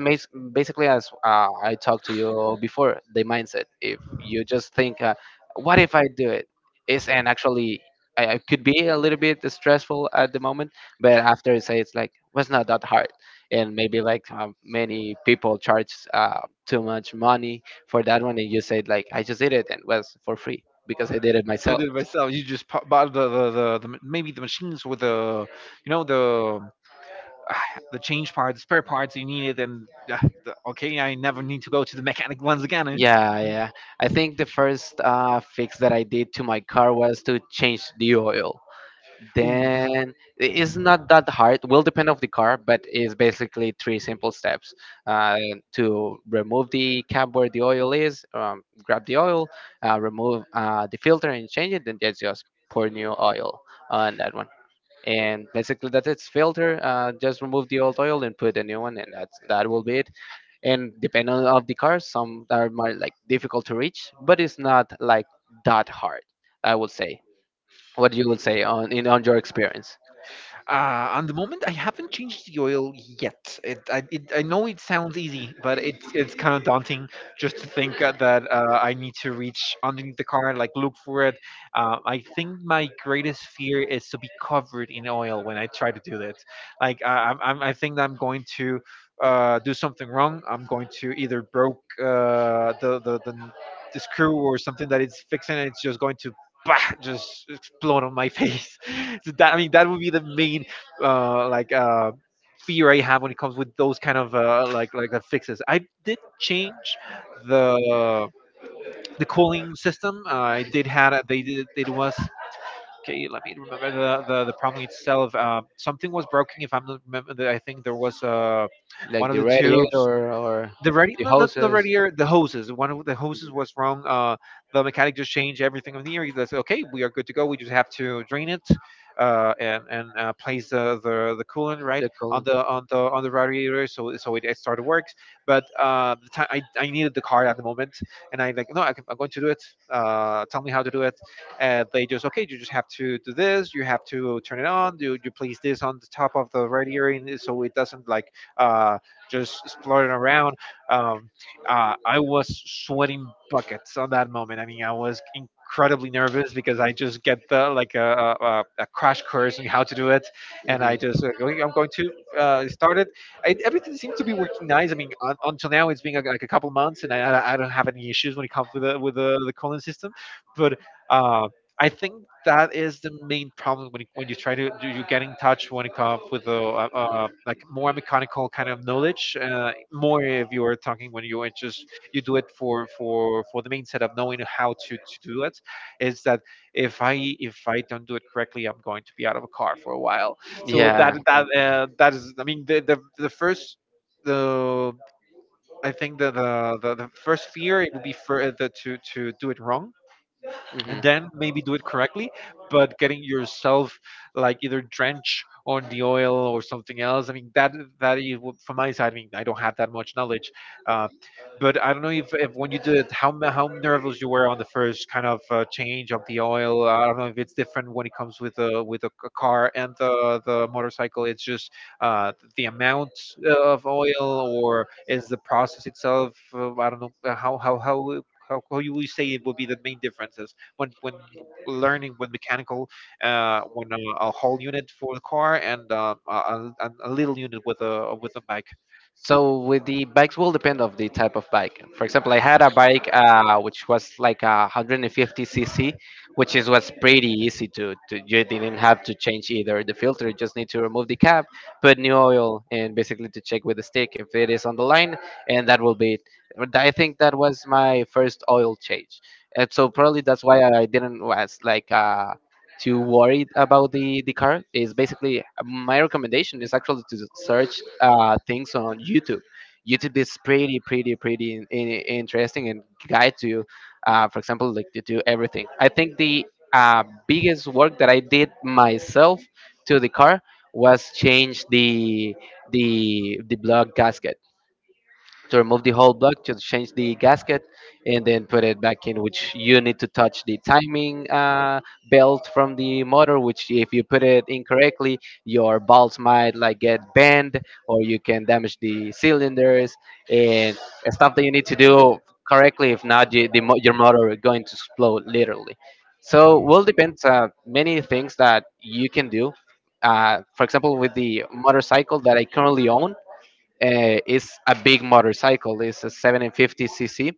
Speaker 2: basically as I talked to you before, the mindset. If you just think, "What if I do it?" is, and actually I could be a little bit stressful at the moment, but after I say it's like, "Was not that hard," and maybe like many people charge too much money for that one, and you said like, "I just did it and was for free because I did it
Speaker 1: I
Speaker 2: myself."
Speaker 1: did it myself. You just bought maybe the machines with the you know the the change parts, the spare parts you needed, and okay, I never need to go to the mechanic once again. Eh?
Speaker 2: Yeah, yeah. I think the first fix that I did to my car was to change the oil.
Speaker 1: Oof.
Speaker 2: Then it's not that hard, will depend of the car, but it's basically three simple steps: uh, to remove the cap where the oil is, grab the oil, remove the filter and change it, and just pour new oil on that one. And basically that's its filter, just remove the old oil and put a new one, and that will be it. And depending on of the cars, some are more like difficult to reach, but it's not like that hard, I would say. What you would say on, in, on your experience?
Speaker 1: On the moment, I haven't changed the oil yet. I know it sounds easy, but it's kind of daunting just to think that I need to reach underneath the car, like, look for it. I think my greatest fear is to be covered in oil when I try to do that. Like, I think that I'm going to do something wrong. I'm going to either broke the screw or something that it's fixing, and it's just going to, bah, just explode on my face. So that, I mean, that would be the main uh, like uh, fear I have when it comes with those kind of like the fixes. I did change the the cooling system. I did had they did it was. Okay, let me remember the problem itself. Something was broken. If I'm not remember, I think there was
Speaker 2: Like
Speaker 1: one of
Speaker 2: the
Speaker 1: the tubes,
Speaker 2: radiator or
Speaker 1: the ready
Speaker 2: the
Speaker 1: not, not the
Speaker 2: hoses.
Speaker 1: radiator, the hoses. One of the hoses
Speaker 2: Mhm.
Speaker 1: was wrong. The mechanic just changed everything on the air. He says, okay, we are good to go, we just have to drain it and place the coolant right
Speaker 2: The
Speaker 1: on
Speaker 2: cold.
Speaker 1: the on the on the radiator, so it started works. But the time I needed the car at the moment, and I like, no, I'm going to do it, tell me how to do it. And they just, okay, you just have to do this, you have to turn it on, you place this on the top of the radiator and so it doesn't like uh just exploring around. um, I was sweating buckets on that moment. I mean, I was incredibly nervous because I just get the like a crash course on how to do it, and I just, "Okay, I'm going to start it." Everything seems to be working nice. I mean, un until now it's been like a couple months, and I don't have any issues when it comes to the with the cooling system, but. Uh, I think that is the main problem when when you try to do, you get in touch when it comes with a like more mechanical kind of knowledge. More, if you are talking, when you are just you do it for the main set of knowing how to do it, is that if I if I don't do it correctly, I'm going to be out of a car for a while.
Speaker 2: Hmm.
Speaker 1: So
Speaker 2: Yeah.
Speaker 1: that, that, that is, I mean, the first, the I think that the first fear it would be for the, to do it wrong,
Speaker 2: Hmm.
Speaker 1: and then maybe do it correctly, but getting yourself like either drench on the oil or something else. I mean, that is from my side. I mean, I don't have that much knowledge, uh, but I don't know if when you did it, how nervous you were on the first kind of change of the oil. I don't know if it's different when it comes with a car and the motorcycle. It's just the amount of oil, or is the process itself. I don't know, how you would say it would be the main differences when learning with mechanical, when a whole unit for the car and a little unit with a bike.
Speaker 2: So with the bikes will depend of the type of bike. For example, I had a bike which was like a 150 cc, which is was pretty easy to you didn't have to change either the filter. You just need to remove the cap, put new oil, and basically to check with the stick if it is on the line, and that will be it. But I think that was my first oil change, and so probably that's why I didn't was like. Too worried about the car. Is basically my recommendation is actually to search things on YouTube. YouTube is pretty, pretty, pretty interesting and guides you for example like to do everything. I think the biggest work that I did myself to the car was change the block gasket, to remove the whole block, just change the gasket, and then put it back in, which you need to touch the timing belt from the motor, which if you put it incorrectly your balls might like get bent, or you can damage the cylinders and stuff that you need to do correctly, if not your motor is going to explode literally. So will depends many things that you can do, for example with the motorcycle that I currently own. It's a big motorcycle. It's a 750 cc,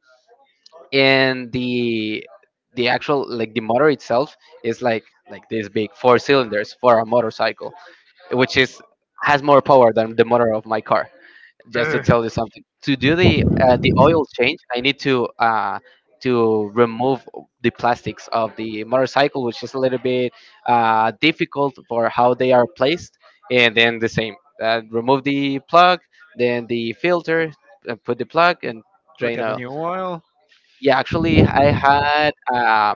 Speaker 2: and the actual like the motor itself is like this big, four cylinders for a motorcycle, which is has more power than the motor of my car, just to
Speaker 1: Ugh,
Speaker 2: tell you something. To do the oil change, I need to to remove the plastics of the motorcycle, which is a little bit difficult for how they are placed, and then the same, remove the plug, then the filter, put the plug and
Speaker 1: look
Speaker 2: drain
Speaker 1: at the
Speaker 2: oil.
Speaker 1: new oil.
Speaker 2: Yeah, actually I had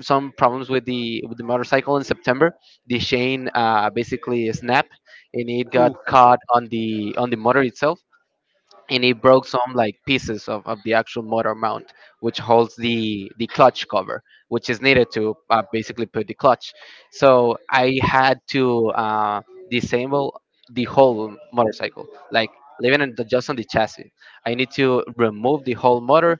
Speaker 2: some problems with the motorcycle in September. The chain basically snapped and it got
Speaker 1: Ooh,
Speaker 2: caught on the motor itself, and it broke some like pieces of the actual motor mount, which holds the clutch cover, which is needed to basically put the clutch. So I had to disable the whole motorcycle, like leaving it just on the chassis. I need to remove the whole motor,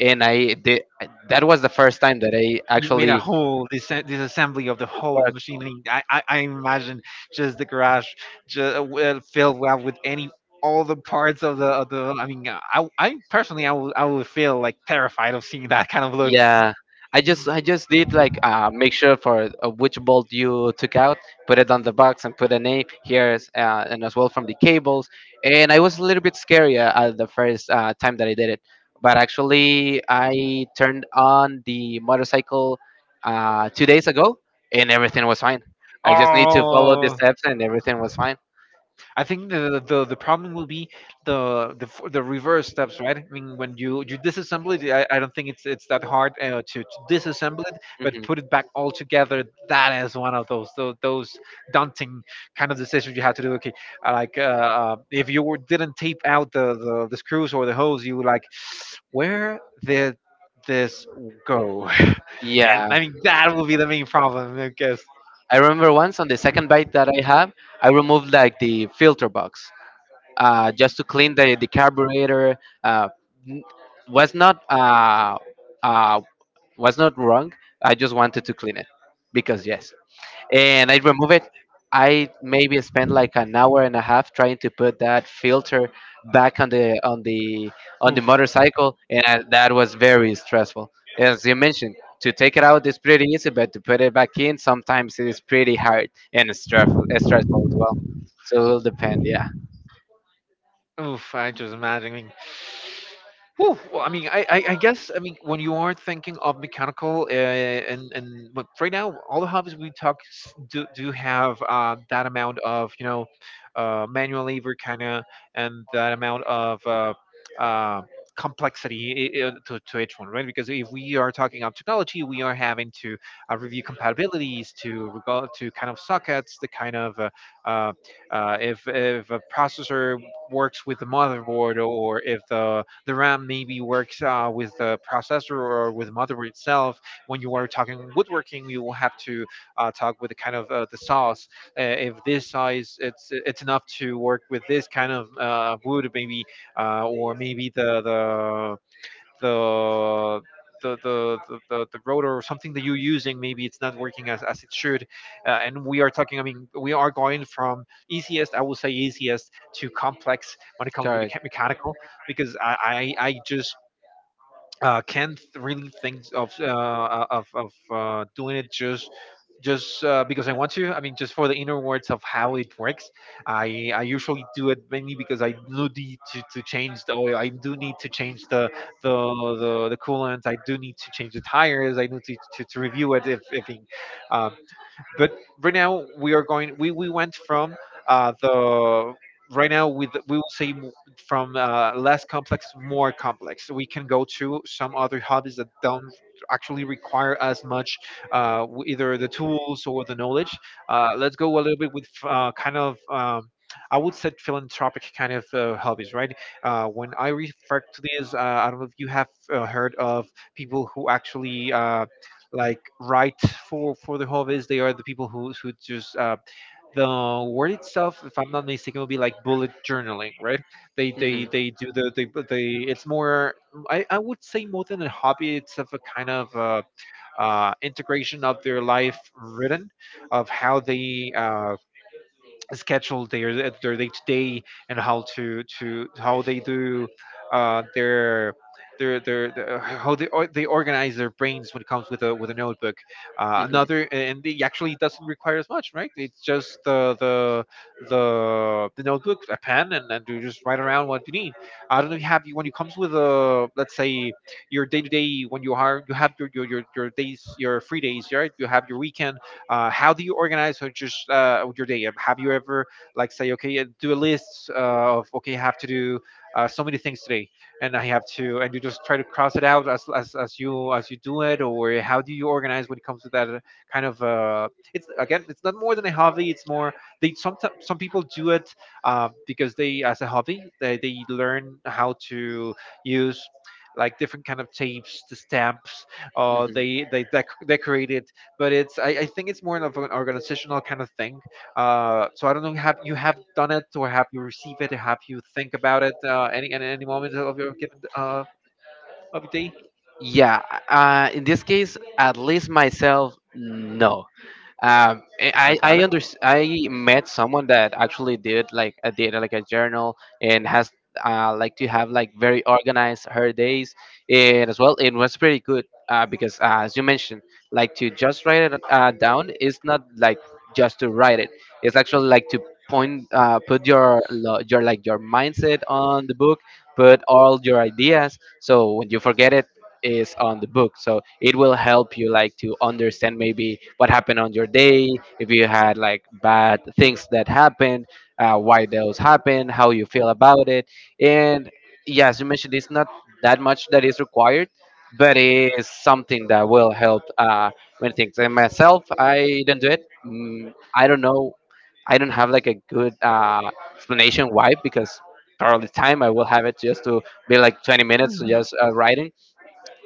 Speaker 2: and I did. That was the first time that I
Speaker 1: you made a
Speaker 2: actually.
Speaker 1: whole disassembly of the whole machinery. I imagine, just the garage, just well, filled up with any, all the parts of the of the. I mean, I personally, I would feel like terrified of seeing that kind of looks.
Speaker 2: Yeah, I just did like, make sure for which bolt you took out, put it on the box, and put a name here, and as well from the cables. And I was a little bit scary at the first time that I did it, but actually I turned on the motorcycle 2 days ago, and everything was fine. I just need to follow the
Speaker 1: Oh,
Speaker 2: steps, and everything was fine.
Speaker 1: I think the problem will be the reverse steps, right? I mean, when you disassemble it, I don't think it's that hard, to disassemble it, but
Speaker 2: Mhm.
Speaker 1: put it back all together. That is one of those daunting kind of decisions you have to do. Okay, if didn't tape out the screws or the hose, you would like, where did this go? And
Speaker 2: Yeah,
Speaker 1: I mean, that will be the main problem, I guess.
Speaker 2: I remember once on the second bike that I have, I removed like the filter box, just to clean the carburetor, uh, n- was not uh, uh, was not wrong. I just wanted to clean it, because yes, and I remove it. I maybe spent like an hour and a half trying to put that filter back on the on the on
Speaker 1: Oof.
Speaker 2: the motorcycle, and that was very stressful. As you mentioned, to take it out is pretty easy, but to put it back in sometimes it is pretty hard and stressful, stressful as well. So it'll depend, yeah.
Speaker 1: Oof, I just imagine. Whew, well, I mean, I guess, I mean, when you are thinking of mechanical, and but right now all the hobbies we talk do have that amount of, manual labor kind of, and that amount of uh, complexity, to each one, right? Because if we are talking of technology, we are having to review compatibilities to regard to kind of sockets, the kind of uh, if a processor works with the motherboard, or if the RAM maybe works, with the processor or with the motherboard itself. When you are talking woodworking, you will have to talk with the kind of the saws. If this size, it's enough to work with this kind of wood, maybe, or maybe the the rotor or something that you're using maybe it's not working as it should, and we are talking, I mean, we are going from easiest, I will say easiest to complex, when it comes to the
Speaker 2: Correct.
Speaker 1: mechanical, because I just can't really think of of doing it, just because I want to. I mean, just for the inner words of how it works. I usually do it mainly because I do need to change the oil. I do need to change the the coolant. I do need to change the tires. I need to review it if it, uh, but right now we are going. We went from the right now we will say m- from less complex more complex. We can go to some other hobbies that don't actually require as much, either the tools or the knowledge. Let's go a little bit with kind of— I would say philanthropic kind of hobbies, right? When I refer to this, I don't know if you have heard of people who actually, like, right for the hobbies. They are the people who just, the word itself, if I'm not mistaken, would be like bullet journaling, right? They do the they but they it's more. I would say more than a hobby. It's of a kind of integration of their life written, of how they schedule their day to day, and how to how they do uh, their how they or they organize their brains when it comes with a notebook. Another, and it actually doesn't require as much, right? It's just the notebook, a pen, and you just write around what you need. I don't know if you have, when it comes with a, let's say, your day to day when you have your days, your free days, right? You have your weekends. How do you organize, or just, your day? Have you ever like say, okay, do a list, of, okay, I have to do, so many things today, and I have to, and you just try to cross it out as you do it, or how do you organize when it comes to that, kind of? It's, again, it's not more than a hobby. It's more. They sometimes, some people do it because they, as a hobby, they learn how to use like different kind of tapes, the stamps,
Speaker 2: Mhm.
Speaker 1: decorate it, but it's, I think it's more of an organizational kind of thing. So I don't know, have you, have done it, or have you received it? Have you think about it, any at any moment of your given, of your day?
Speaker 2: Yeah, in this case, at least myself, no. um eh,
Speaker 1: Got
Speaker 2: i
Speaker 1: it,
Speaker 2: i
Speaker 1: got it.
Speaker 2: under i met someone that actually did like a data, like a journal, and has like to have like very organized her days. And as well it was pretty good, because, as you mentioned, like to just write it down is not like just to write it, it's actually like to point, put your your mindset on the book, put all your ideas, so when you forget it is on the book, so it will help you like to understand maybe what happened on your day, if you had like bad things that happened, why those happened, how you feel about it. And yes, you mentioned it's not that much that is required, but it is something that will help many things. And myself, I don't do it, I don't know, I don't have like a good explanation why, because all the time I will have it just to be like 20 minutes to just writing.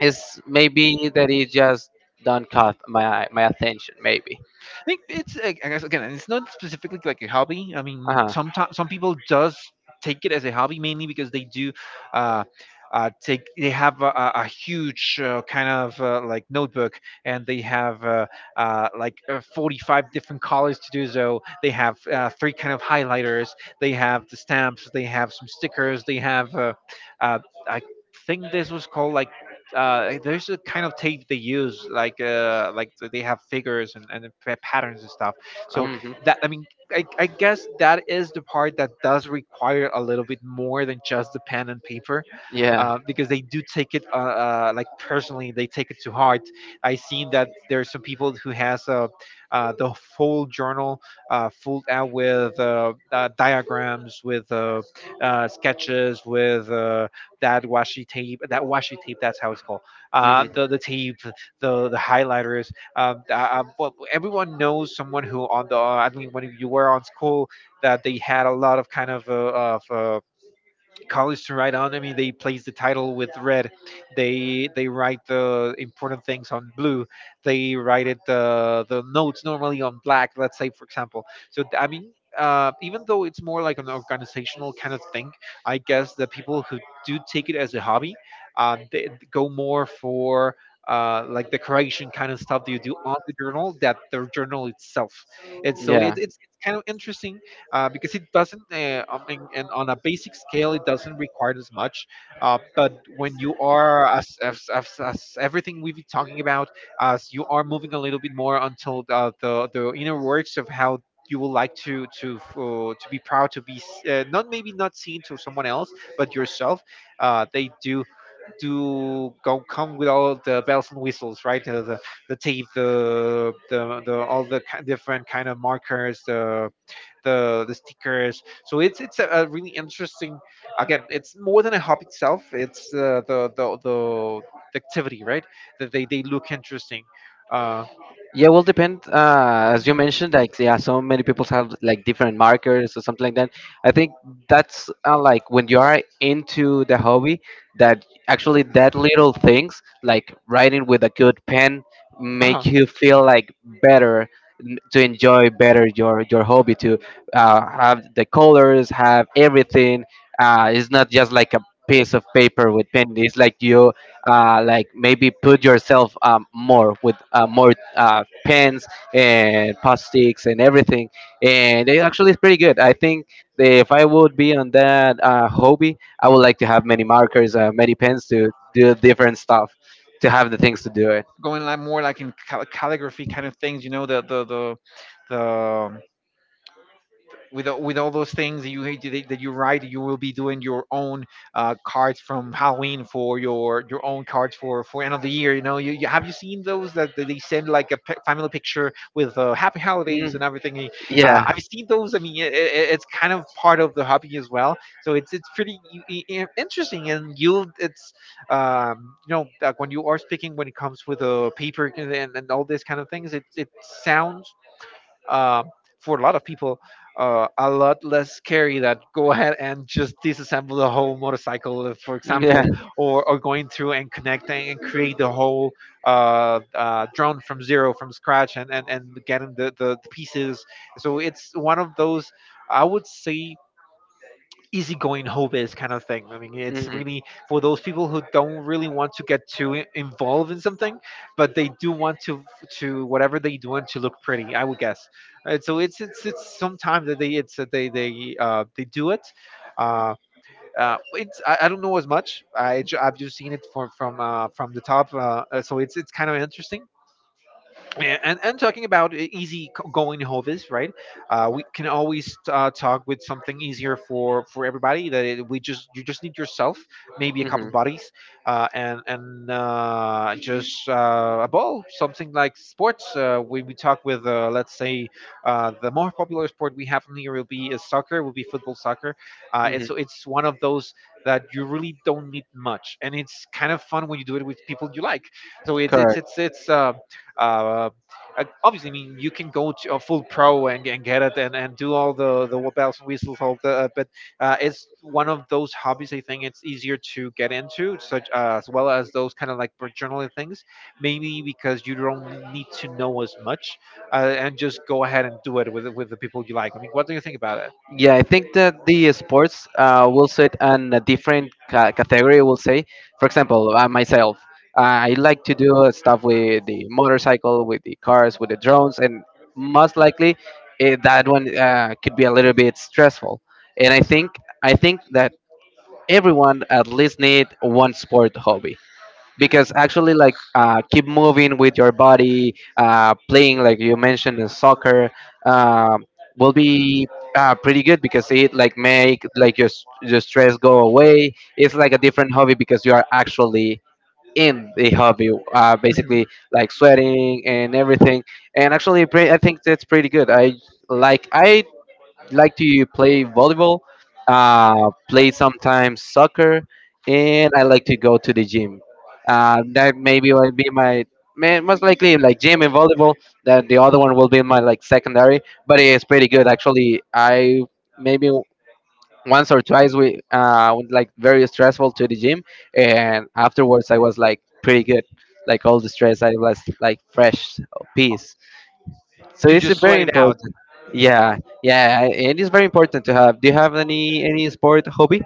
Speaker 2: It's maybe that he just don't caught my attention. Maybe.
Speaker 1: Think it's like, I guess, again, it's not specifically like a hobby. I
Speaker 2: Uh
Speaker 1: mean,
Speaker 2: huh.
Speaker 1: sometimes some people does take it as a hobby mainly because they do uh, take they have a huge kind of like notebook, and they have like, 45 different colors to do, so they have three kind of highlighters, they have the stamps, they have some stickers, they have uh, I think this was called like, there's a kind of tape they use, like, like they have figures, and patterns and stuff. So
Speaker 2: Hmm.
Speaker 1: that, I mean, I guess that is the part that does require a little bit more than just the pen and paper, because they do take it, like, personally, they take it to heart. I seen that there are some people who has the full journal, filled out with, diagrams, with, sketches, with, that washi tape, that washi tape. That's how it's called. The tape, the highlighters. Well, everyone knows someone who on the, I mean, when you were on school, that they had a lot of kind of, of. Uh, college to write on. I mean, they place the title with red. They write the important things on blue. They write it, the notes normally on black. Let's say, for example. So, I mean, even though it's more like an organizational kind of thing, I guess the people who do take it as a hobby, they go more for, like, decoration kind of stuff that you do on the journal, that the journal itself, and so it's kind of interesting, because it doesn't, I mean, and on a basic scale it doesn't require as much, but when you are, as everything we've been talking about, as you are moving a little bit more until the inner works of how you would like to to be proud, to be not maybe not seen to someone else but yourself, they do go, come with all the bells and whistles, right? The tape, the all the different kind of markers, the stickers. So it's a really interesting. Again, it's more than a hobby itself. It's the activity, right? That they look interesting. Uh,
Speaker 2: Yeah, well, depend. As you mentioned, like yeah, so many people have like different markers or something like that. I think that's like when you are into the hobby, that actually that little things like writing with a good pen
Speaker 1: uh
Speaker 2: make you feel like better, to enjoy better your hobby, to have the colors, have everything. It's not just like a piece of paper with pen. It's like you, like maybe put yourself, more with more, pens and post sticks and everything. And it actually is pretty good. I think that if I would be on that hobby, I would like to have many markers, many pens, to do different stuff, to have the things to do it.
Speaker 1: going like, more like, in calligraphy kind of things. You know, the with with all those things that you hate, that you write, you will be doing your own, cards from Halloween, for your own cards for end of the year. You know, you have, you seen those that they send like a family picture with, happy
Speaker 2: Mm,
Speaker 1: holidays and everything.
Speaker 2: yeah.
Speaker 1: I've seen those. I mean, it's kind of part of the hobby as well. So it's pretty interesting, and you, it's, you know, like when you are speaking, when it comes with a paper, and all these kind of things, it sounds, um, for a lot of people, a lot less scary that go ahead and just disassemble the whole motorcycle, for
Speaker 2: Yeah.
Speaker 1: example, or going through and connecting and create the whole, drone from zero, from scratch, and getting the pieces. So it's one of those, I would say, easygoing hobbies kind of thing. I mean, it's
Speaker 2: Hmm.
Speaker 1: really for those people who don't really want to get too involved in something, but they do want to, whatever, they do want to look pretty, I would guess. And so it's sometimes that they, it's that they they do it. Uh, it's, I don't know as much. I've just seen it from from the top. So it's kind of interesting. Yeah, and talking about easy going hobbies, right? We can always talk with something easier for everybody. That it, we just, you just need yourself, maybe a couple buddies, and just a ball, something like sports. When we talk with, let's say, the more popular sport we have in here will be, soccer, will be football soccer,
Speaker 2: Hmm.
Speaker 1: and
Speaker 2: Hmm.
Speaker 1: so it's one of those that you really don't need much, and it's kind of fun when you do it with people you like. So
Speaker 2: Correct.
Speaker 1: it's it's. Uh, obviously, I mean, you can go to a full pro and get it and do all the bells and whistles, all the, but, it's one of those hobbies I think it's easier to get into, such, as well as those kind of, like, for journaling things, maybe because you don't need to know as much, and just go ahead and do it with the people you like. I mean, what do you think about it?
Speaker 2: Yeah, I think that the sports will sit on a different category, we'll say. For example, myself, I like to do stuff with the motorcycle, with the cars, with the drones, and most likely, that one could be a little bit stressful. And I think that everyone at least need one sport hobby. Because actually like keep moving with your body, playing like you mentioned in soccer, um, will be pretty good because it like make like your, your stress go away. It's like a different hobby because you are actually in the hobby, basically like sweating and everything, and actually I think that's pretty good. I like to play volleyball, play sometimes soccer, and I like to go to the gym. That maybe will be my, most likely like gym and volleyball. That the other one will be my like secondary, but it's pretty good actually. I maybe once or twice we went like very stressful to the gym, and afterwards I was like pretty good. Like all the stress, I was like fresh, peace. So
Speaker 1: You
Speaker 2: it's
Speaker 1: just sweat
Speaker 2: very
Speaker 1: it out.
Speaker 2: important. Yeah, yeah, it is very important to have. Do you have any sport hobby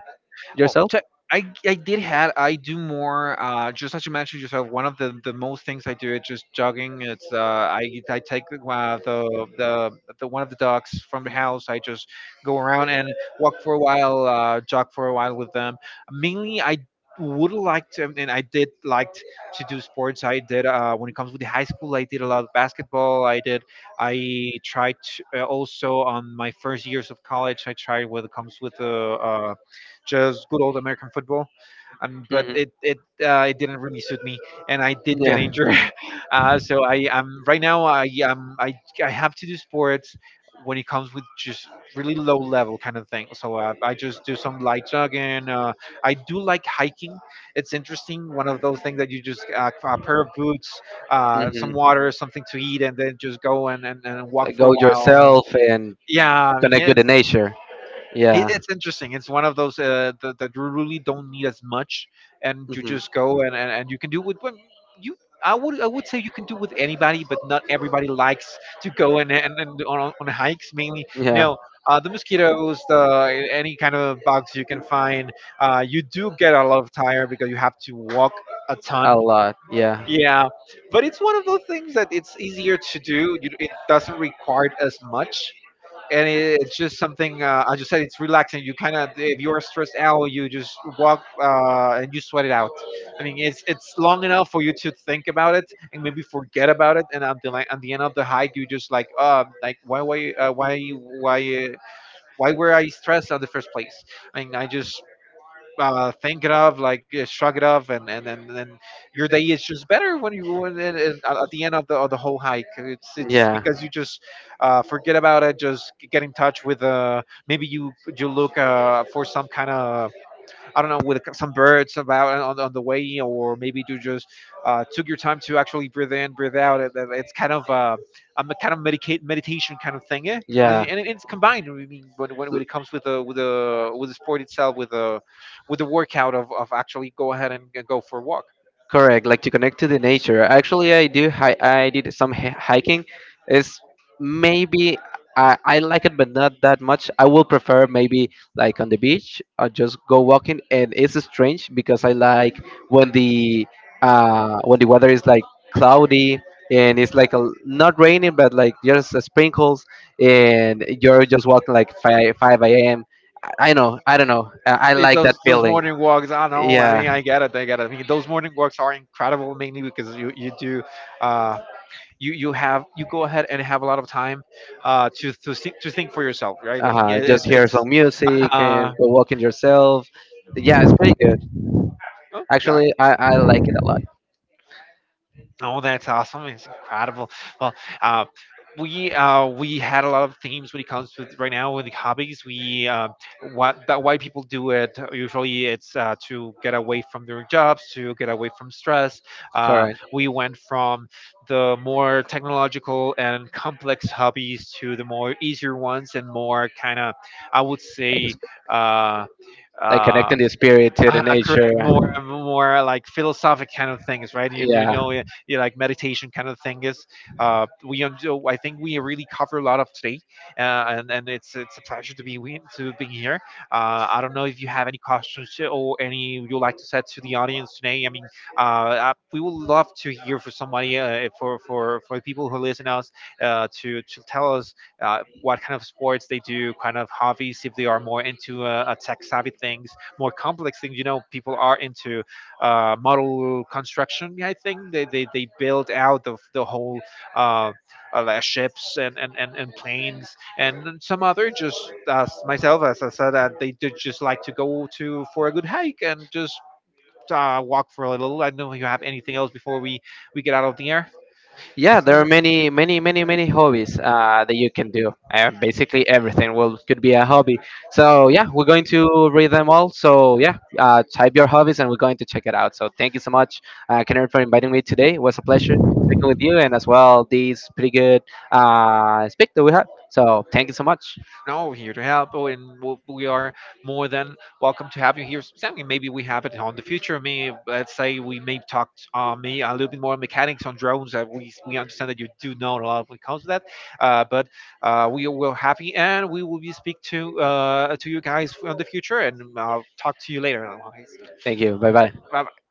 Speaker 1: Well,
Speaker 2: yourself?
Speaker 1: so I did have, I do more, just as you mentioned yourself. One of the most things I do is just jogging. It's, I take the one of the dogs from the house. I just go around and walk for a while, jog for a while with them. Mainly, I would like to, and I did liked to do sports. I did, when it comes with the high school. I did a lot of basketball. I did. I tried to, also on my first years of college. I tried what it comes with the, uh, just good old American football. But
Speaker 2: Hmm.
Speaker 1: it didn't really suit me, and I did get
Speaker 2: Yeah.
Speaker 1: injured. So I right now I I have to do sports when it comes with just really low level kind of thing. So I just do some light jogging. I do like hiking. It's interesting. One of those things that you just a pair of boots,
Speaker 2: Hmm.
Speaker 1: some water, something to eat, and then just go and walk
Speaker 2: Like
Speaker 1: for
Speaker 2: go
Speaker 1: a while.
Speaker 2: yourself and
Speaker 1: Yeah, I mean,
Speaker 2: connect with
Speaker 1: it's
Speaker 2: the nature.
Speaker 1: it,
Speaker 2: Yeah.
Speaker 1: it's interesting. It's one of those that you really don't need as much, and you
Speaker 2: Hmm.
Speaker 1: just go and you can do with but you. I would say you can do with anybody, but not everybody likes to go and on hikes. Mainly, you
Speaker 2: Yeah.
Speaker 1: know, the mosquitoes, the any kind of bugs you can find. You do get a lot of tired because you have to walk a
Speaker 2: A
Speaker 1: ton.
Speaker 2: lot. Yeah.
Speaker 1: Yeah, but it's one of those things that it's easier to do. You, it doesn't require as much and it's just something as you said, it's relaxing. You kind of if you're stressed out you just walk and you sweat it out. I mean it's long enough for you to think about it and maybe forget about it. And at the, at the end of the hike you just like why were I stressed in the first place. I mean I just think it of, like shrug it off, and your day is just better when you when, and at the end of the whole hike. It's
Speaker 2: Yeah.
Speaker 1: because you just forget about it, just get in touch with maybe you you look for some kind of I don't know, with some birds about on the way, or maybe you just took your time to actually breathe in, breathe out. It's kind of kind of medicate, meditation kind of thing, yeah.
Speaker 2: Yeah.
Speaker 1: And it's combined. I mean, when it comes with the with the with the sport itself, with the workout of actually go ahead and go for a walk.
Speaker 2: Correct, like to connect to the nature. Actually, I do. I did some hiking. Is maybe, I like it, but not that much. I will prefer maybe like on the beach or just go walking. And it's strange because I like when the when the weather is like cloudy and it's like a, not raining, but like just a sprinkles, and you're just walking like five a.m. I, know. I don't know. I
Speaker 1: It's
Speaker 2: like that
Speaker 1: those
Speaker 2: feeling.
Speaker 1: morning walks. I know. I
Speaker 2: Yeah.
Speaker 1: mean, I get it. I get it. I mean, those morning walks are incredible, mainly because you do. Uh, you you have you go ahead and have a lot of time to think for yourself, right? I mean,
Speaker 2: uh,
Speaker 1: it,
Speaker 2: just hear
Speaker 1: it's
Speaker 2: some music
Speaker 1: uh,
Speaker 2: and go walking yourself. Yeah, it's pretty good.
Speaker 1: oh, yeah.
Speaker 2: Actually, I like it a lot.
Speaker 1: Oh, that's awesome! It's incredible. Well, uh, we had a lot of themes when it comes to right now with the hobbies. We what that why people do it. Usually, it's to get away from their jobs, to get away from stress. Uh,
Speaker 2: Correct.
Speaker 1: we went from the more technological and complex hobbies to the more easier ones and more kind of, I would
Speaker 2: Ex-
Speaker 1: say. Uh,
Speaker 2: Like
Speaker 1: uh,
Speaker 2: connecting the spirit to the
Speaker 1: Ah, correct.
Speaker 2: nature.
Speaker 1: More, more like philosophic kind of things, right? You
Speaker 2: Yeah.
Speaker 1: know, you yeah, like meditation kind of thing is. We, so I think we really cover a lot of today, and it's a pleasure to be to being here. I don't know if you have any questions or any you'd like to set to the audience today. I mean, we would love to hear from somebody, for the people who listen us, to tell us what kind of sports they do, kind of hobbies if they are more into a tech savvy things, more complex things. You know, people are into model construction. Yeah, I think they build out the whole uh, like ships and planes. And some other just as myself as I said they do just like to go to for a good hike and just walk for a little. I don't know if you have anything else before we get out of the air.
Speaker 2: Yeah, there
Speaker 1: That's
Speaker 2: are
Speaker 1: it.
Speaker 2: many, many, many, many hobbies that you can do. Basically, everything will could be a hobby. So yeah, we're going to read them all. So yeah, type your hobbies, and we're going to check it out. So thank you so much, Kenneth, for inviting me today. It was a pleasure speaking with you, and as well these pretty good speak that we had. So thank you so much.
Speaker 1: No, here to help, oh, and we are more than welcome to have you here. Something maybe we have it on the future. Me, let's say we may talk me a little bit more mechanics on drones. We understand that you do know a lot when it comes to that, but we will happy and we will be speak to you guys on the future, and I'll talk to you later. Otherwise,
Speaker 2: Thank you. Bye bye.
Speaker 1: bye.